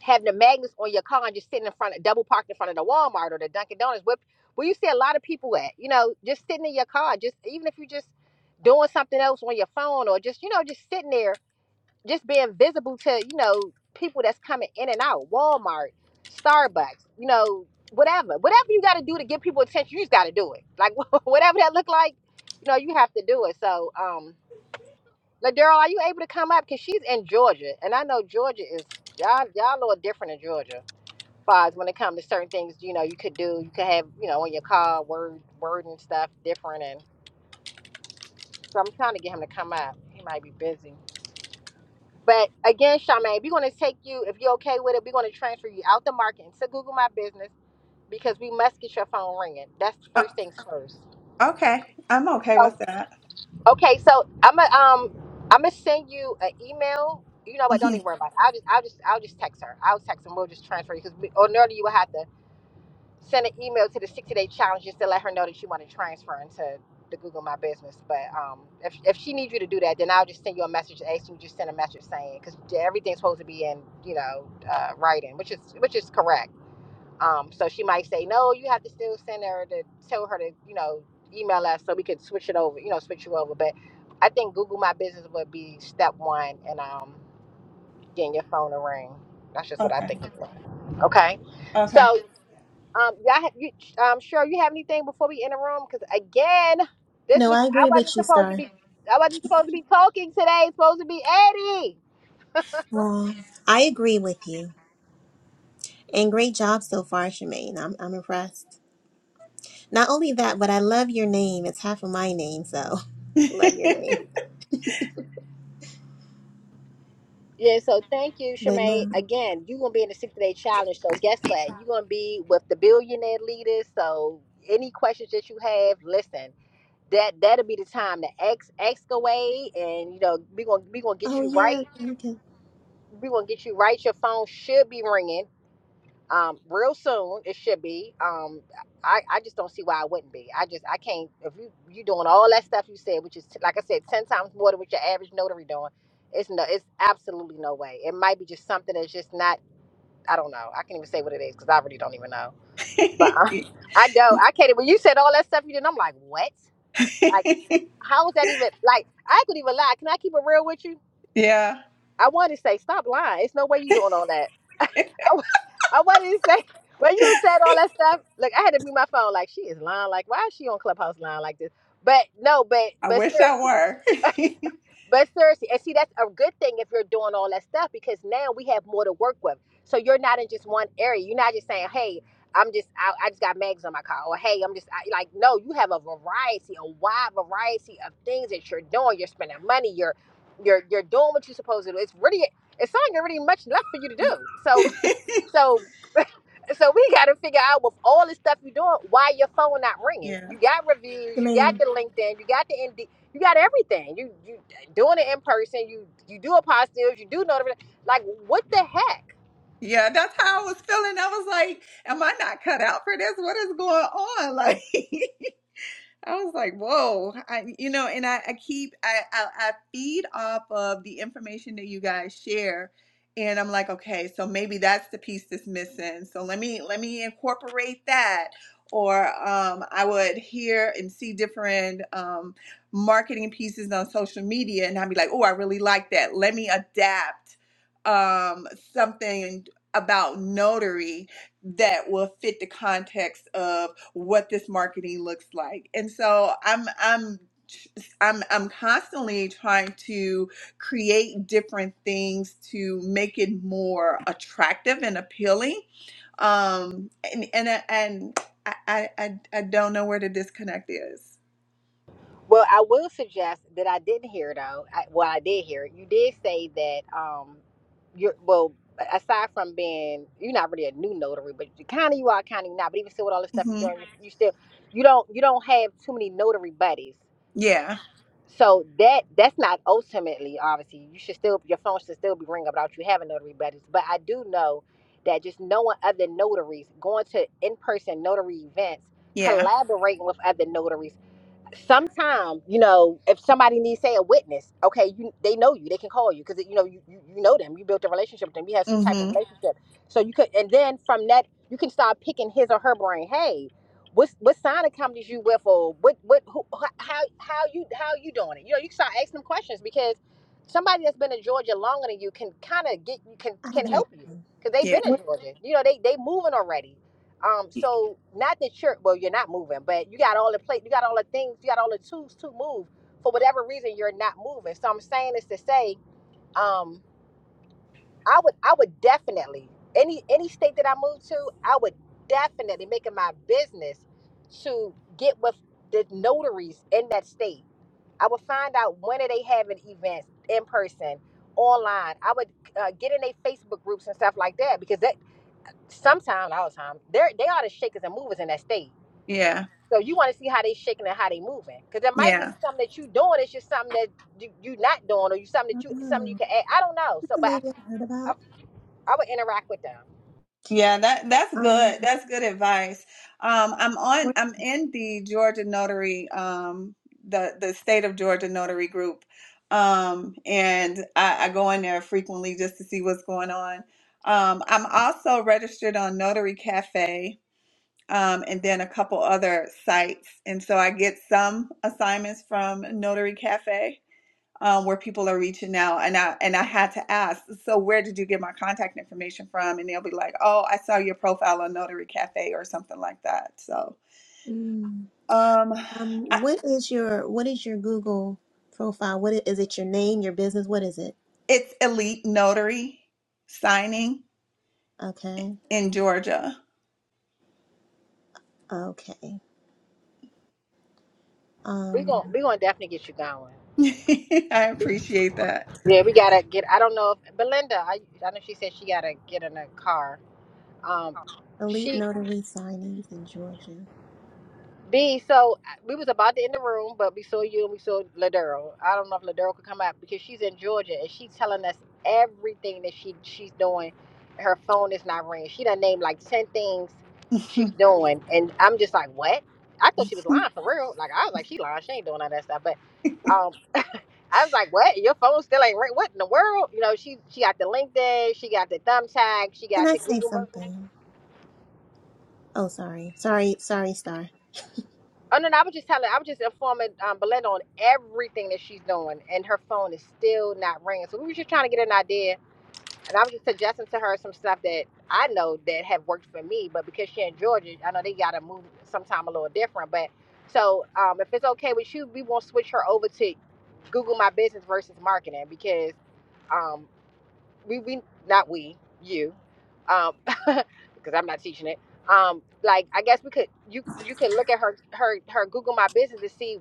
Speaker 1: having the magnets on your car and just sitting in front of double parked in front of the Walmart or the Dunkin' Donuts, where, where you see a lot of people at, you know, just sitting in your car, just even if you just doing something else on your phone or just, you know, just sitting there just being visible to you know people that's coming in and out walmart starbucks you know whatever whatever you got to do to get people attention you just got to do it like [LAUGHS] whatever that look like you know you have to do it so um Ladurl, are you able to come up because she's in georgia and i know georgia is y'all y'all a little different in georgia far as when it comes to certain things you know you could do you could have you know on your car word word and stuff different and so i'm trying to get him to come up he might be busy But again, Charmaine, we're going to take you, if you're okay with it, we're going to transfer you out the market into Google My Business because we must get your phone ringing. That's the
Speaker 3: Oh,
Speaker 1: first things first.
Speaker 3: okay, I'm okay
Speaker 1: So,
Speaker 3: with that.
Speaker 1: okay, so I'm gonna um, I'm gonna send you an email. You know what?
Speaker 3: hmm
Speaker 1: Don't even worry about it. I'll just, I'll just, I'll just text her. I'll text and we'll just transfer you because ordinarily you would have to send an email to the 60 day challenge just to let her know that you want to transfer into the Google My Business. But um, if, if she needs you to do that, then I'll just send you a message asking you just send a message saying because everything's supposed to be in you know uh, writing, which is which is correct. Um, so she might say no, you have to still send her to tell her to you know email us so we could switch it over, you know, switch you over. But I think Google My Business would be step one, and um, getting your phone a ring. That's just what I
Speaker 3: Okay.
Speaker 1: think of. Okay.
Speaker 3: Okay.
Speaker 1: So, um, y'all, have, you, um, Cheryl, you have anything before we end the room? Because again, this
Speaker 2: no,
Speaker 1: was
Speaker 2: I
Speaker 1: I
Speaker 2: agree with
Speaker 1: wasn't
Speaker 2: you,
Speaker 1: supposed to
Speaker 2: Star.
Speaker 1: be. I wasn't supposed to be talking today. It's supposed to be Eddie.
Speaker 2: Well, I agree with you. And great job so far, Shemaine. I'm I'm impressed. Not only that, but I love your name. It's half of my name, so [LAUGHS] love your
Speaker 3: [LAUGHS]
Speaker 2: name.
Speaker 1: Yeah, so thank you,
Speaker 2: But
Speaker 1: Shemaine.
Speaker 2: no.
Speaker 1: Again, you're gonna be in the 60 day challenge. So guess what? You're gonna be with the billionaire leaders. So any questions that you have, listen. That that'll be the time to ex excavate and you know, we're gonna we gonna get
Speaker 2: Oh
Speaker 1: you
Speaker 2: yeah,
Speaker 1: right.
Speaker 2: you can.
Speaker 1: we're gonna get you right. Your phone should be ringing um, real soon. It should be. Um, I, I just don't see why it wouldn't be. I just I can't. If you you doing all that stuff you said, which is like I said, ten times more than what your average notary doing. It's no. It's absolutely no way. It might be just something that's just not. I don't know. I can't even say what it is because I really don't even know. But uh, I know I can't. When you said all that stuff you did, I'm like, what? Like, how is that even? Like, I could even lie. Can I keep it real with you?
Speaker 3: yeah,
Speaker 1: I want to say, stop lying. It's no way you doing all that. I, wa- I wanted to say when you said all that stuff, like I had to mute my phone. Like she is lying. Like why is she on Clubhouse lying like this? But no, but
Speaker 3: I
Speaker 1: but
Speaker 3: wish I
Speaker 1: seriously,
Speaker 3: were. [LAUGHS]
Speaker 1: but seriously, and see that's a good thing if you're doing all that stuff because now we have more to work with. So you're not in just one area. You're not just saying, hey, I'm just I, I just got mags on my car, or hey, I'm just I, like no, you have a variety, a wide variety of things that you're doing. You're spending money. You're you're you're doing what you're supposed to do. It's really it's not really much left for you to do. So. [LAUGHS] So so we got to figure out with all the stuff you're doing, why your phone not ringing?
Speaker 3: yeah.
Speaker 1: You got reviews, you got
Speaker 2: Shemaine,
Speaker 1: the LinkedIn, you got the Indeed, you got everything. You you doing it in person. You you do apostilles, you do notification. Like what the heck?
Speaker 3: Yeah, that's how I was feeling. I was like, am I not cut out for this? What is going on? [LAUGHS] Like I was like, whoa, I, you know, and I, I keep, I, I, I feed off of the information that you guys share. And I'm like, okay, so maybe that's the piece that's missing. So let me, let me incorporate that. Or um, I would hear and see different um, marketing pieces on social media, and I'd be like, oh, I really like that. Let me adapt um, something about notary that will fit the context of what this marketing looks like. And so I'm I'm I'm I'm constantly trying to create different things to make it more attractive and appealing. Um and and I- and I I I I don't know where the disconnect is.
Speaker 1: Well, I will suggest that I didn't hear though. I, well, I did hear it. You did say that um, you're well. Aside from being, you're not really a new notary, but you kind of you are, kind of not. But even still, with all the stuff you're
Speaker 3: Mhm.
Speaker 1: doing, you you still you don't you don't have too many notary buddies.
Speaker 3: Yeah.
Speaker 1: So that that's not ultimately obviously you should still your phone should still be ringing without you having notary buddies. But I do know that just knowing other notaries, going to in person notary events,
Speaker 3: Yeah.
Speaker 1: collaborating with other notaries, sometime you know if somebody needs say a witness okay you they know you they can call you because you know you, you you know them you built a relationship with them you have some type of
Speaker 3: Mhm.
Speaker 1: relationship so you could and then from that you can start picking his or her brain hey what's what sign of companies you with or what what who, h- how how you how you doing it you know you can start asking them questions because somebody that's been in georgia longer than you can kind of get can
Speaker 2: I have
Speaker 1: can
Speaker 2: an idea.
Speaker 1: help you because they've been
Speaker 3: Yeah.
Speaker 1: in
Speaker 2: What?
Speaker 1: georgia you know they they moving already um, so not that you're well, you're not moving, but you got all the plate, you got all the things, you got all the tools to move. For whatever reason, you're not moving. So I'm saying this to say, um, I would I would definitely any any state that I move to, I would definitely make it my business to get with the notaries in that state. I would find out when are they having events in person, online. I would uh, get in their Facebook groups and stuff like that because that sometimes all the time they are they are the shakers and movers in that state
Speaker 3: Yeah.
Speaker 1: so you want to see how they shaking and how they moving, because there might be
Speaker 3: Yeah.
Speaker 1: something that you doing. It's just something that you, you not doing, or you something that you something you
Speaker 2: Uh,
Speaker 1: can add. I don't know.
Speaker 2: what's
Speaker 1: So,
Speaker 2: the
Speaker 1: but I,
Speaker 2: lady I heard
Speaker 1: I,
Speaker 2: about?
Speaker 1: I would interact with them.
Speaker 3: Yeah, that that's good.
Speaker 2: Um,
Speaker 3: That's good advice. Um, I'm on.
Speaker 2: what?
Speaker 3: I'm in the Georgia Notary, um, the the state of Georgia Notary group, um, and I, I go in there frequently just to see what's going on. Um, I'm also registered on Notary Cafe, um, and then a couple other sites, and so I get some assignments from Notary Cafe um, where people are reaching out and I and I had to ask, so where did you get my contact information from? And they'll be like, oh, I saw your profile on Notary Cafe or something like that. So
Speaker 2: mm,
Speaker 3: um,
Speaker 2: Um,
Speaker 3: I,
Speaker 2: what is your what is your Google profile? What i- is it? Your name, your business? What is it?
Speaker 3: it's Elite Notary signing
Speaker 2: Okay,
Speaker 3: in Georgia.
Speaker 2: okay.
Speaker 1: We gon'
Speaker 2: Um,
Speaker 1: we gonna definitely get you going.
Speaker 3: [LAUGHS] I appreciate that.
Speaker 1: Yeah, we gotta get. I don't know if Belinda. I I know she said she gotta get in a car. Um,
Speaker 2: elite
Speaker 1: she.
Speaker 2: notary signings in Georgia.
Speaker 1: B, so uh, we was about to end the room, but we saw you and we saw Ladero. I don't know if Ladero could come out because she's in Georgia and she's telling us everything that she she's doing. Her phone is not ringing. She done named like ten things she's
Speaker 3: [LAUGHS]
Speaker 1: doing, and I'm just like, what? I thought she was lying for real. Like I was like, she lying. She ain't doing all that stuff. But um, I was like, what? Your phone still ain't ring? What in the world? You know, she she got the LinkedIn, she got the thumbtack, she
Speaker 2: Can
Speaker 1: got
Speaker 2: I
Speaker 1: the
Speaker 2: say
Speaker 1: Google.
Speaker 2: something? Oh, sorry, sorry, sorry, Star.
Speaker 1: Oh no, no, I was just telling, I was just informing um, Belinda on everything that she's doing, and her phone is still not ringing. So we were just trying to get an idea, and I was just suggesting to her some stuff that I know that have worked for me, but because she in Georgia, I know they gotta move sometime a little different. But so um, if it's okay with you, we won't switch her over to Google My Business versus marketing because. um, we we not we you um [LAUGHS] because i'm not teaching it um like i guess we could you you could look at her her her google my business to see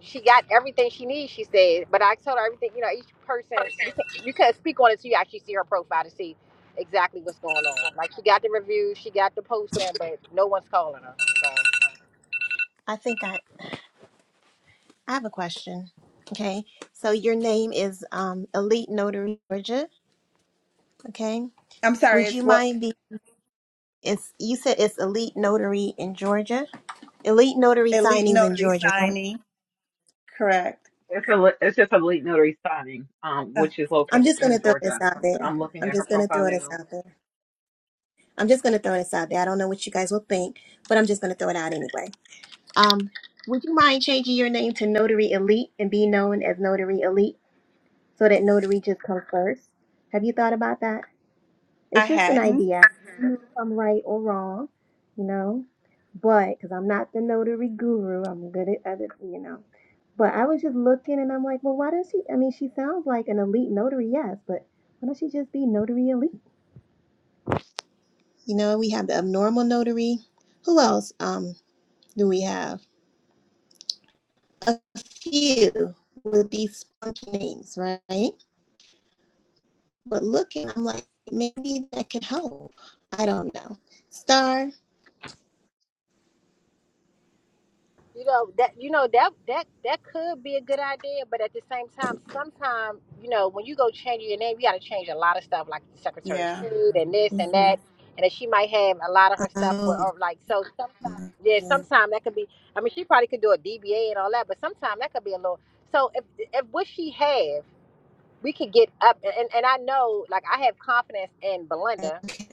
Speaker 1: she got everything she needs she said but i told her everything you know each person you can you can speak on it so you actually see her profile to see exactly what's going on like she got the reviews she got the posting but no one's calling her so
Speaker 2: I think I I have a question. Okay, so your name is um elite notary Georgia. Okay,
Speaker 3: I'm sorry,
Speaker 2: would you
Speaker 3: it's what
Speaker 2: mind be? It's you said it's elite notary in Georgia. Elite notary
Speaker 3: Elite
Speaker 2: signings in
Speaker 3: Notary
Speaker 2: Georgia, right?
Speaker 3: signing, correct?
Speaker 4: It's a it's just a late notary signing, um,
Speaker 3: Uh,
Speaker 4: which is
Speaker 2: I'm
Speaker 4: located
Speaker 2: just
Speaker 4: in
Speaker 2: gonna throw this
Speaker 4: Georgia.
Speaker 2: out there.
Speaker 4: I'm looking
Speaker 2: I'm
Speaker 4: at her
Speaker 2: just gonna
Speaker 4: profile
Speaker 2: throw this
Speaker 4: now.
Speaker 2: out there. I'm just gonna throw this out there. I don't know what you guys will think, but I'm just gonna throw it out anyway. Um, would you mind changing your name to Notary Elite and be known as Notary Elite so that Notary just comes first? Have you thought about that?
Speaker 3: I
Speaker 2: It's just an
Speaker 3: hadn't.
Speaker 2: idea. I don't know if I'm right or wrong, you know. But because I'm not the notary guru, I'm good at other, you know. But I was just looking, and I'm like, well, why does she? I mean, she sounds like an elite notary, yes, but why don't she just be notary elite? You know, we have the abnormal notary. Who else um, do we have? A few with these funky names, right? But looking, I'm like, maybe that could help. I don't know. Star,
Speaker 1: You know that you know that that that could be a good idea, but at the same time, sometimes you know when you go change your name, you got to change a lot of stuff, like the Secretary of
Speaker 3: Yeah.
Speaker 1: State and
Speaker 4: Mhm.
Speaker 1: this and
Speaker 3: hmm
Speaker 1: that, and then she might have a lot of her stuff with,
Speaker 2: Oh,
Speaker 1: or like so. Sometimes, yeah, sometimes that could be. I mean, she probably could do a DBA and all that, but sometimes that could be a little. So if if what she have, we could get up, and and I know, like I have confidence in Belinda
Speaker 2: okay.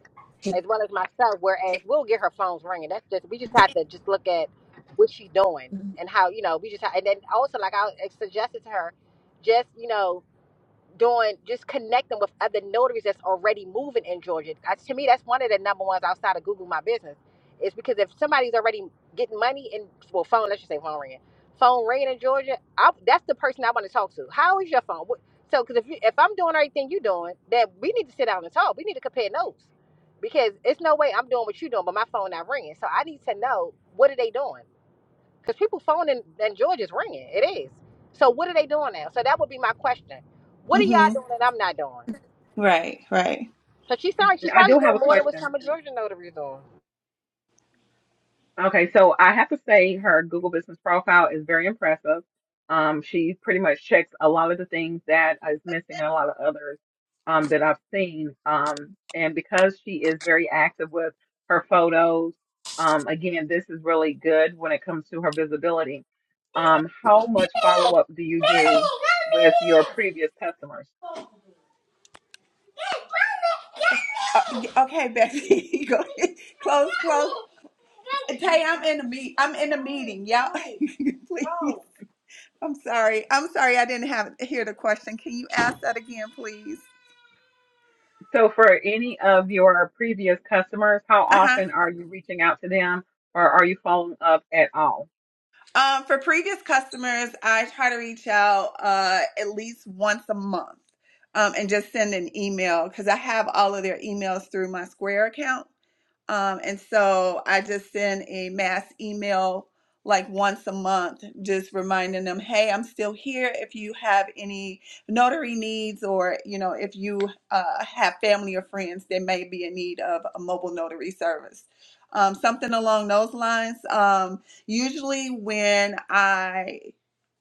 Speaker 1: as well as myself. Whereas we'll get her phones ringing. That's just we just have to just look at what she's doing and how you know we just ha and then also like I suggested to her, just you know doing just connecting with other notaries that's already moving in Georgia. That's, to me, that's one of the number ones outside of Google My Business. Is because if somebody's already getting money and well, phone, let's just say phone ringing, phone ringing in Georgia, I, that's the person I want to talk to. How is your phone? What, so, because if you, if I'm doing everything you're doing, then we need to sit down and talk. We need to compare notes because it's no way I'm doing what you're doing, but my phone not ringing. So I need to know what are they doing because people phone in, in Georgia is ringing. It is. So what are they doing now? So that would be my question. What are y'all
Speaker 3: hmm
Speaker 1: doing that I'm not doing?
Speaker 3: Right. Right.
Speaker 1: So she sounds like she's
Speaker 4: I
Speaker 1: probably
Speaker 4: do have
Speaker 1: doing
Speaker 4: a
Speaker 1: more than what
Speaker 4: question.
Speaker 1: some of Georgia notaries doing.
Speaker 4: Okay, so I have to say her Google business profile is very impressive. Um, she pretty much checks a lot of the things that is missing and a lot of others um, that I've seen. Um, and because she is very active with her photos, um, again, this is really good when it comes to her visibility. Um, how much follow-up do you do with your previous customers?
Speaker 3: Uh, okay, Becky, [LAUGHS] go ahead. Close, close. Tay, I'm in the meet. I'm in the meeting. Y'all, [LAUGHS] please. I'm sorry. I'm sorry. I didn't have hear the question. Can you ask that again, please?
Speaker 4: So for any of your previous customers, how
Speaker 3: Uh huh.
Speaker 4: often are you reaching out to them or are you following up at all?
Speaker 3: Um, for previous customers, I try to reach out uh, at least once a month um, and just send an email because I have all of their emails through my Square account. Um, and so I just send a mass email like once a month, just reminding them, hey, I'm still here. If you have any notary needs, or you know, if you uh, have family or friends that may be in need of a mobile notary service, um, something along those lines. Um, usually, when I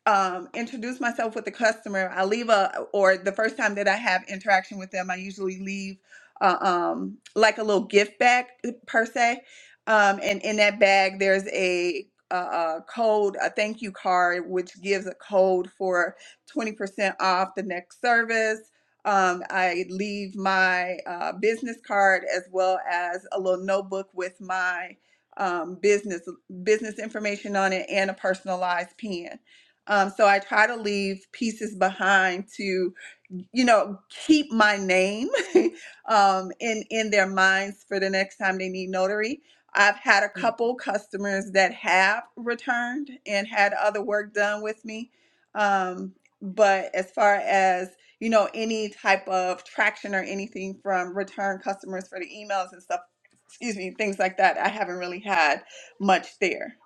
Speaker 3: um, introduce myself with the customer. I leave a, or the first time that I have interaction with them, I usually leave uh, um, like a little gift bag eh, per se. Um, and in that bag, there's a, a, a code, a thank you card, which gives a code for 20% off the next service. Um, I leave my uh, business card as well as a little notebook with my um, business business information on it and a personalized pen um, so I try to leave pieces behind to, you know, keep my name [LAUGHS] um, in in their minds for the next time they need notary. I've had a
Speaker 4: Yeah.
Speaker 3: couple customers that have returned and had other work done with me. Um, but as far as you know, any type of traction or anything from return customers for the emails and stuff, excuse me, things like that, I haven't really had much there.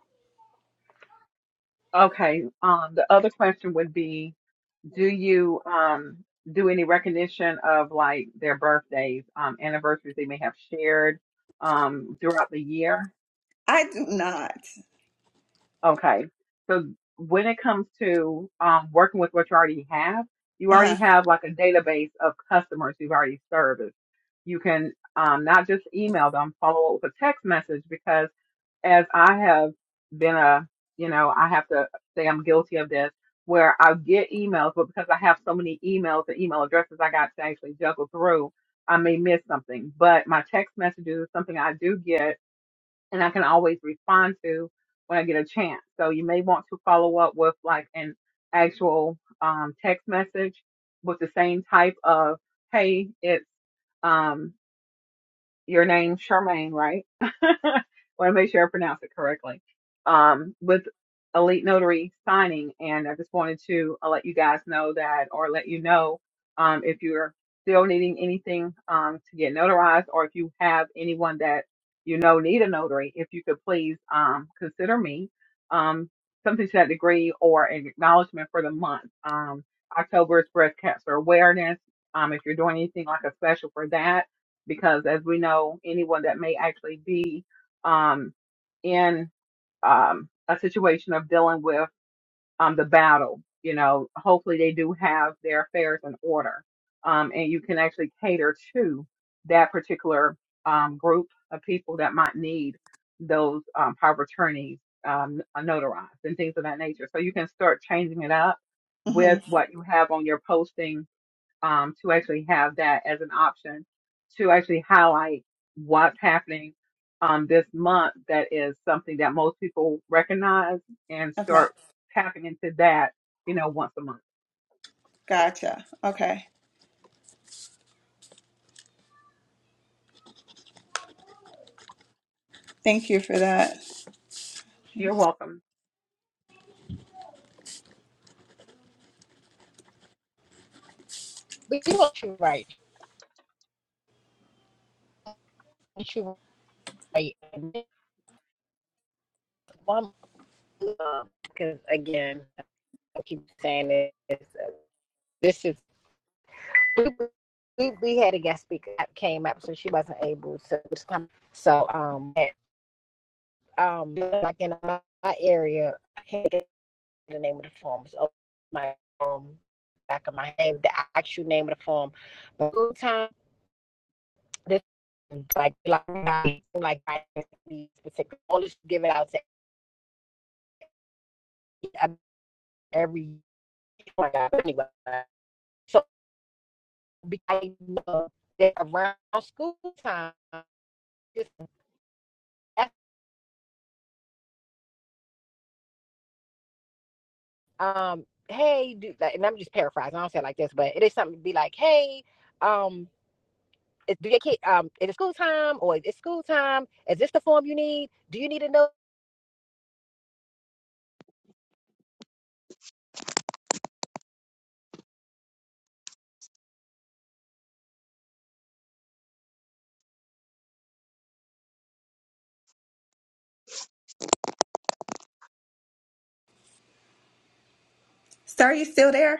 Speaker 4: Okay. Um, the other question would be, do you um do any recognition of like their birthdays, um, anniversaries they may have shared um throughout the year?
Speaker 3: I do not.
Speaker 4: Okay. So when it comes to um, working with what you already have, you already
Speaker 3: Uh-huh.
Speaker 4: have like a database of customers you've already serviced. You can um, not just email them, follow up with a text message because as I have been a, you know, I have to say I'm guilty of this where I get emails, but because I have so many emails and email addresses I got to actually juggle through, I may miss something. But my text messages is something I do get and I can always respond to when I get a chance. So you may want to follow up with like an actual um, text message with the same type of, hey, it's um, your name, Charmaine, right? [LAUGHS] want to make sure I pronounce it correctly. Um, with Elite Notary signing, and I just wanted to uh, let you guys know that, or let you know um, if you're still needing anything um, to get notarized, or if you have anyone that you know need a notary, if you could please um, consider me um, something to that degree or an acknowledgement for the month. Um, October is Breast Cancer Awareness. Um, if you're doing anything like a special for that, because as we know, anyone that may actually be um, in um, a situation of dealing with um, the battle. You know, hopefully they do have their affairs in order, um, and you can actually cater to that particular um, group of people that might need those um, power of attorneys um, notarized and things of that nature. So you can start changing it up
Speaker 3: hmm
Speaker 4: with what you have on your posting um, to actually have that as an option to actually highlight what's happening um, this month that is something that most people recognize and
Speaker 3: Okay.
Speaker 4: start tapping into that, you know, once a month.
Speaker 3: Gotcha. Okay. Thank you for that.
Speaker 4: You're welcome.
Speaker 1: But you want you right. You right. And this one, because again, I keep saying this. uh, This is we, we, we had a guest speaker that came up, so she wasn't able to. So um, at, um, like in my area, I had the name of the form. It's over my um, back of my name, the actual name of the form. But good time, this like like like these particular all this give it out to every oh anyway. So because I know that around school time, just um, hey, do, like, and I'm just paraphrasing. I don't say it like this, but it is something to be like, hey, um. Is, do your kid um is it school time or is it school time? Is this the form you need? Do you need to know?
Speaker 3: Sir, you still there?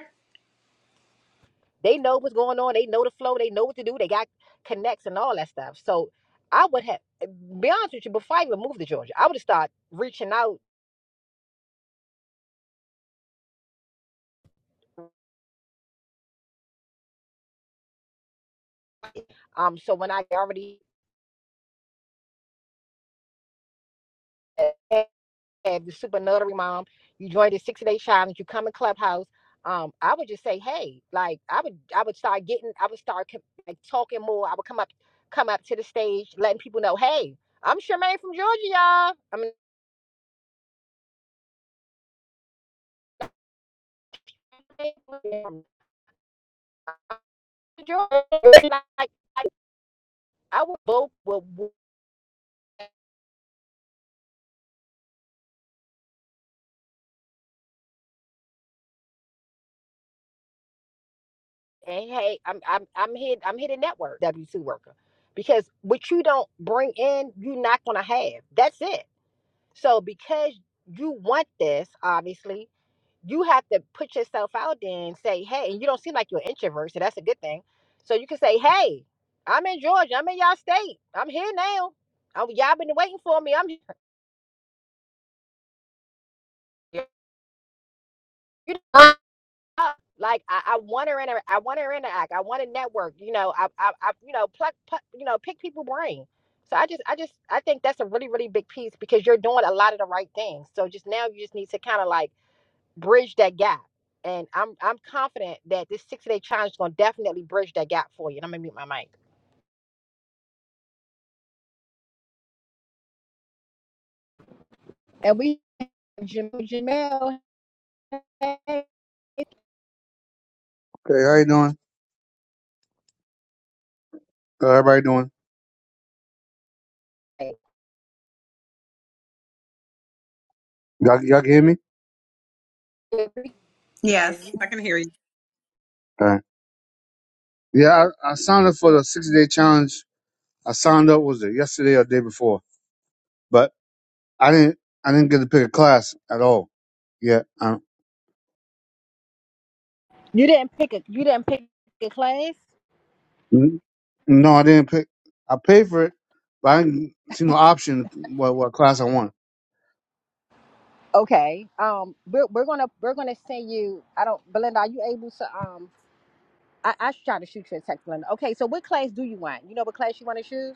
Speaker 1: They know what's going on. They know the flow. They know what to do. They got connects and all that stuff. So I would have, be honest with you, before I even moved to Georgia, I would have started reaching out. Um, so when I already had the super notary mom, you joined the 60 day challenge, you come in clubhouse. Um, I would just say, hey, like I would, I would start getting, I would start co- like talking more. I would come up, come up to the stage, letting people know, hey, I'm Charmaine from Georgia, y'all. I mean, I'm from Georgia. [LAUGHS] Like, I would vote. hey, hey, I'm I'm I'm here, I'm here to network, W two worker. Because what you don't bring in, you're not gonna have. That's it. So because you want this, obviously, you have to put yourself out there and say, hey, and you don't seem like you're an introvert, so that's a good thing. So you can say, hey, I'm in Georgia, I'm in y'all state, I'm here now. i y'all been waiting for me. I'm here. You up. Like I, I want to interact. I want to interact. I want to network. You know, I, I, I you know, pluck, pluck, you know, pick people brain. So I just, I just, I think that's a really, really big piece because you're doing a lot of the right things. So just now, you just need to kind of like bridge that gap. And I'm, I'm confident that this 60 day challenge is gonna definitely bridge that gap for you. And I'm gonna mute my mic. And we Jam- Jamel, hey,
Speaker 5: Hey, how you doing? How everybody doing? Y'all, y'all can hear me?
Speaker 3: Yes.
Speaker 5: All right. Yeah, I, I signed up for the 60 day challenge. I signed up, was it yesterday or the day before? But I didn't, I didn't get to pick a class at all. Yeah. I,
Speaker 1: you didn't pick a you didn't pick a class.
Speaker 5: n- no, I didn't pick. I paid for it, but I didn't see no option what, what class I want.
Speaker 1: Okay. Um, we're, we're gonna we're gonna send you. I don't, Belinda. Are you able to? Um, I I should try to shoot you a text, Belinda. Okay. So what class do you want? You know what class you want to choose?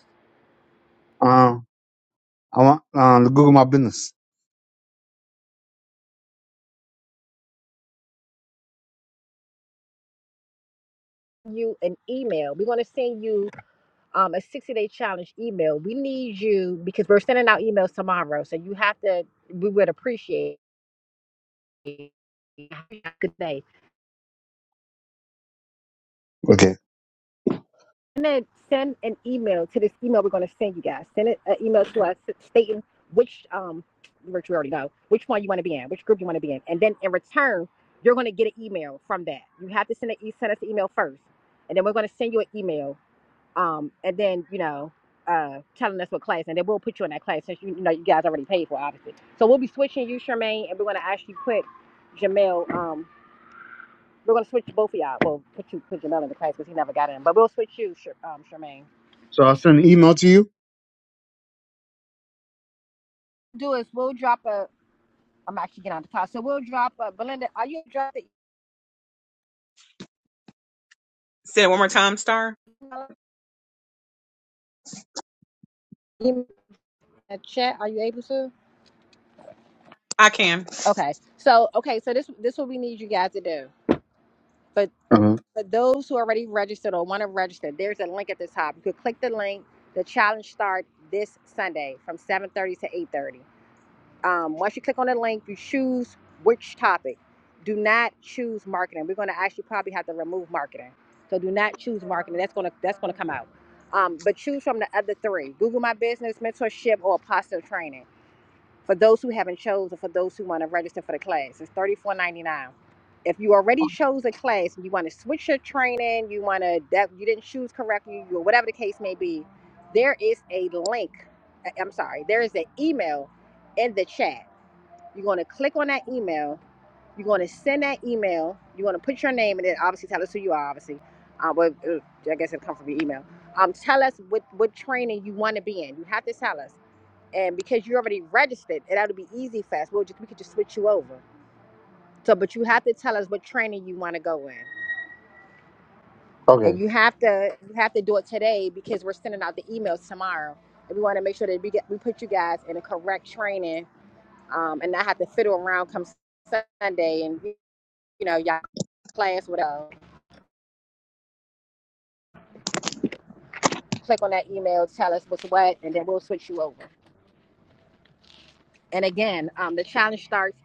Speaker 5: Um, I want um, to Google my business.
Speaker 1: You an email. We're gonna send you um a sixty day challenge email. We need you because we're sending out emails tomorrow, so you have to. We would appreciate. it. Have a Good day.
Speaker 5: Okay.
Speaker 1: gonna send an email to this email we're gonna send you guys. Send it, an email to us stating which um which we already know which one you want to be in, which group you want to be in, and then in return you're gonna get an email from that. You have to send it. You send us an email first, and then we're gonna send you an email. Um, and then you know. Uh, telling us what class, and then we'll put you in that class since you, you know you guys already paid for it, obviously. So we'll be switching you, Charmaine, and we're gonna actually put Jamel. Um, we're gonna switch both of y'all. We'll put you put Jamel in the class because he never got in, but we'll switch you, Sh- um, Charmaine
Speaker 5: So I'll send an email to you.
Speaker 1: do is we'll drop a. I'm actually getting out of the car, so we'll drop a. Belinda, are you drop the email in the chat? Are you able to? Okay. So okay, so this this what we need you guys to do. But
Speaker 5: Uh-huh.
Speaker 1: for those who already registered or want to register, there's a link at the top. You could click the link. The challenge starts this Sunday from 7:30 to 8:30. Um, once you click on the link, you choose which topic. Do not choose marketing. We're going to actually probably have to remove marketing. So do not choose marketing. That's going to that's going to come out. Um, but choose from the other three: Google My Business, mentorship, or apostle training. For those who haven't chosen, for those who want to register for the class, it's thirty four ninety nine. If you already chose a class and you want to switch your training, you want to that you didn't choose correctly, or whatever the case may be, there is a link. I- I'm sorry, there is an email in the chat you're going to click on that email. You're going to send that email. You're going to put your name and then obviously tell us who you are, obviously. Um, but uh, I guess it'll come from your email. Um, tell us what, what training you want to be in. You have to tell us. And because you're already registered, it ought to be easy fast. We'll just, we could just switch you over. So, but you have to tell us what training you want to go in.
Speaker 5: Okay.
Speaker 1: And
Speaker 5: All
Speaker 1: you have to you have to do it today because we're sending out the emails tomorrow. And we want to make sure that we get we put you guys in a correct training um, and not have to fiddle around come Sunday and you you know, y'all class, whatever. Click on that email, tell us what's what, and then we'll switch you over. And again, um, the challenge starts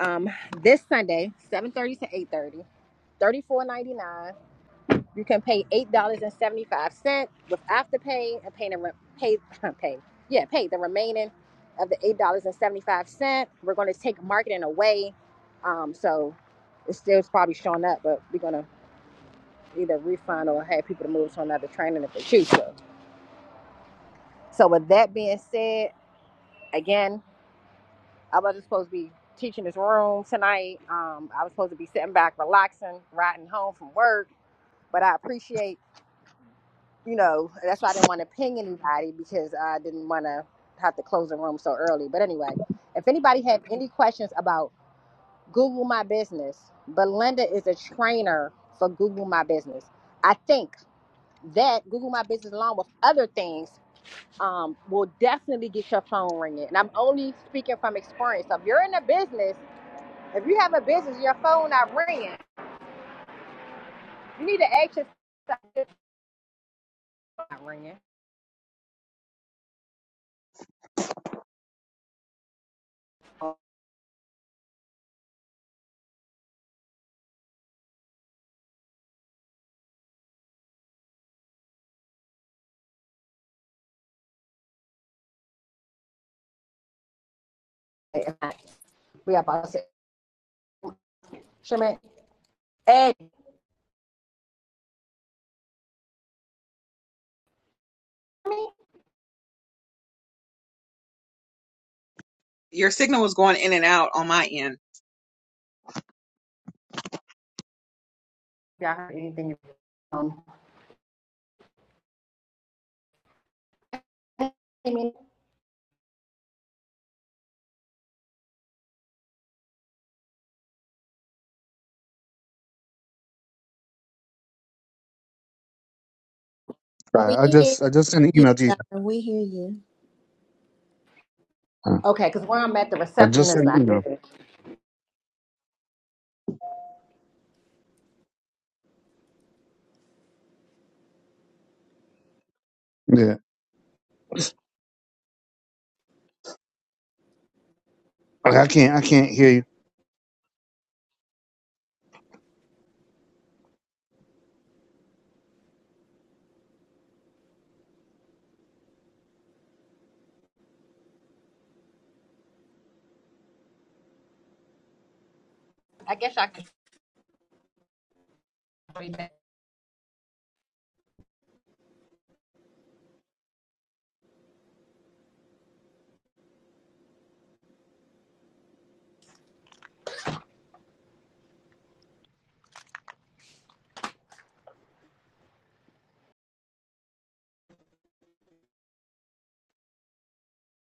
Speaker 1: um, this Sunday, 7.30 to eight thirty, thirty four ninety nine. You can pay $8.75 with afterpay and pay, the re- pay, [LAUGHS] pay, yeah, pay the remaining of the $8.75. We're going to take marketing away. Um, so it's still probably showing up, but we're going to either refund or have people to move to another training if they choose to. So with that being said, again, I wasn't supposed to be teaching this room tonight. Um, I was supposed to be sitting back, relaxing, riding home from work. But I appreciate, you know, that's why I didn't want to ping anybody because I didn't want to have to close the room so early. But anyway, if anybody have any questions about Google My Business, Belinda is a trainer for Google My Business. I think that Google My Business, along with other things, um, will definitely get your phone ringing. And I'm only speaking from experience. So if you're in a business, if you have a business, your phone not ringing. You need to ask yourself, "Is my phone not ringing. Okay, right. We are about to say, Sherman. hey, me?
Speaker 4: Your signal was going in and out on my end.
Speaker 1: Y'all heard anything? Um, hey, me? [LAUGHS]
Speaker 2: we
Speaker 5: right. I
Speaker 2: hear
Speaker 5: just, I just sent an
Speaker 2: you,
Speaker 5: email to you.
Speaker 2: Star. We hear you.
Speaker 5: Uh,
Speaker 1: Okay, because where I'm at, the
Speaker 5: I
Speaker 1: reception
Speaker 5: just sent
Speaker 1: is
Speaker 5: an
Speaker 1: not
Speaker 5: email.
Speaker 1: good.
Speaker 5: Yeah. Okay, I can't, I can't hear you.
Speaker 1: I guess I can.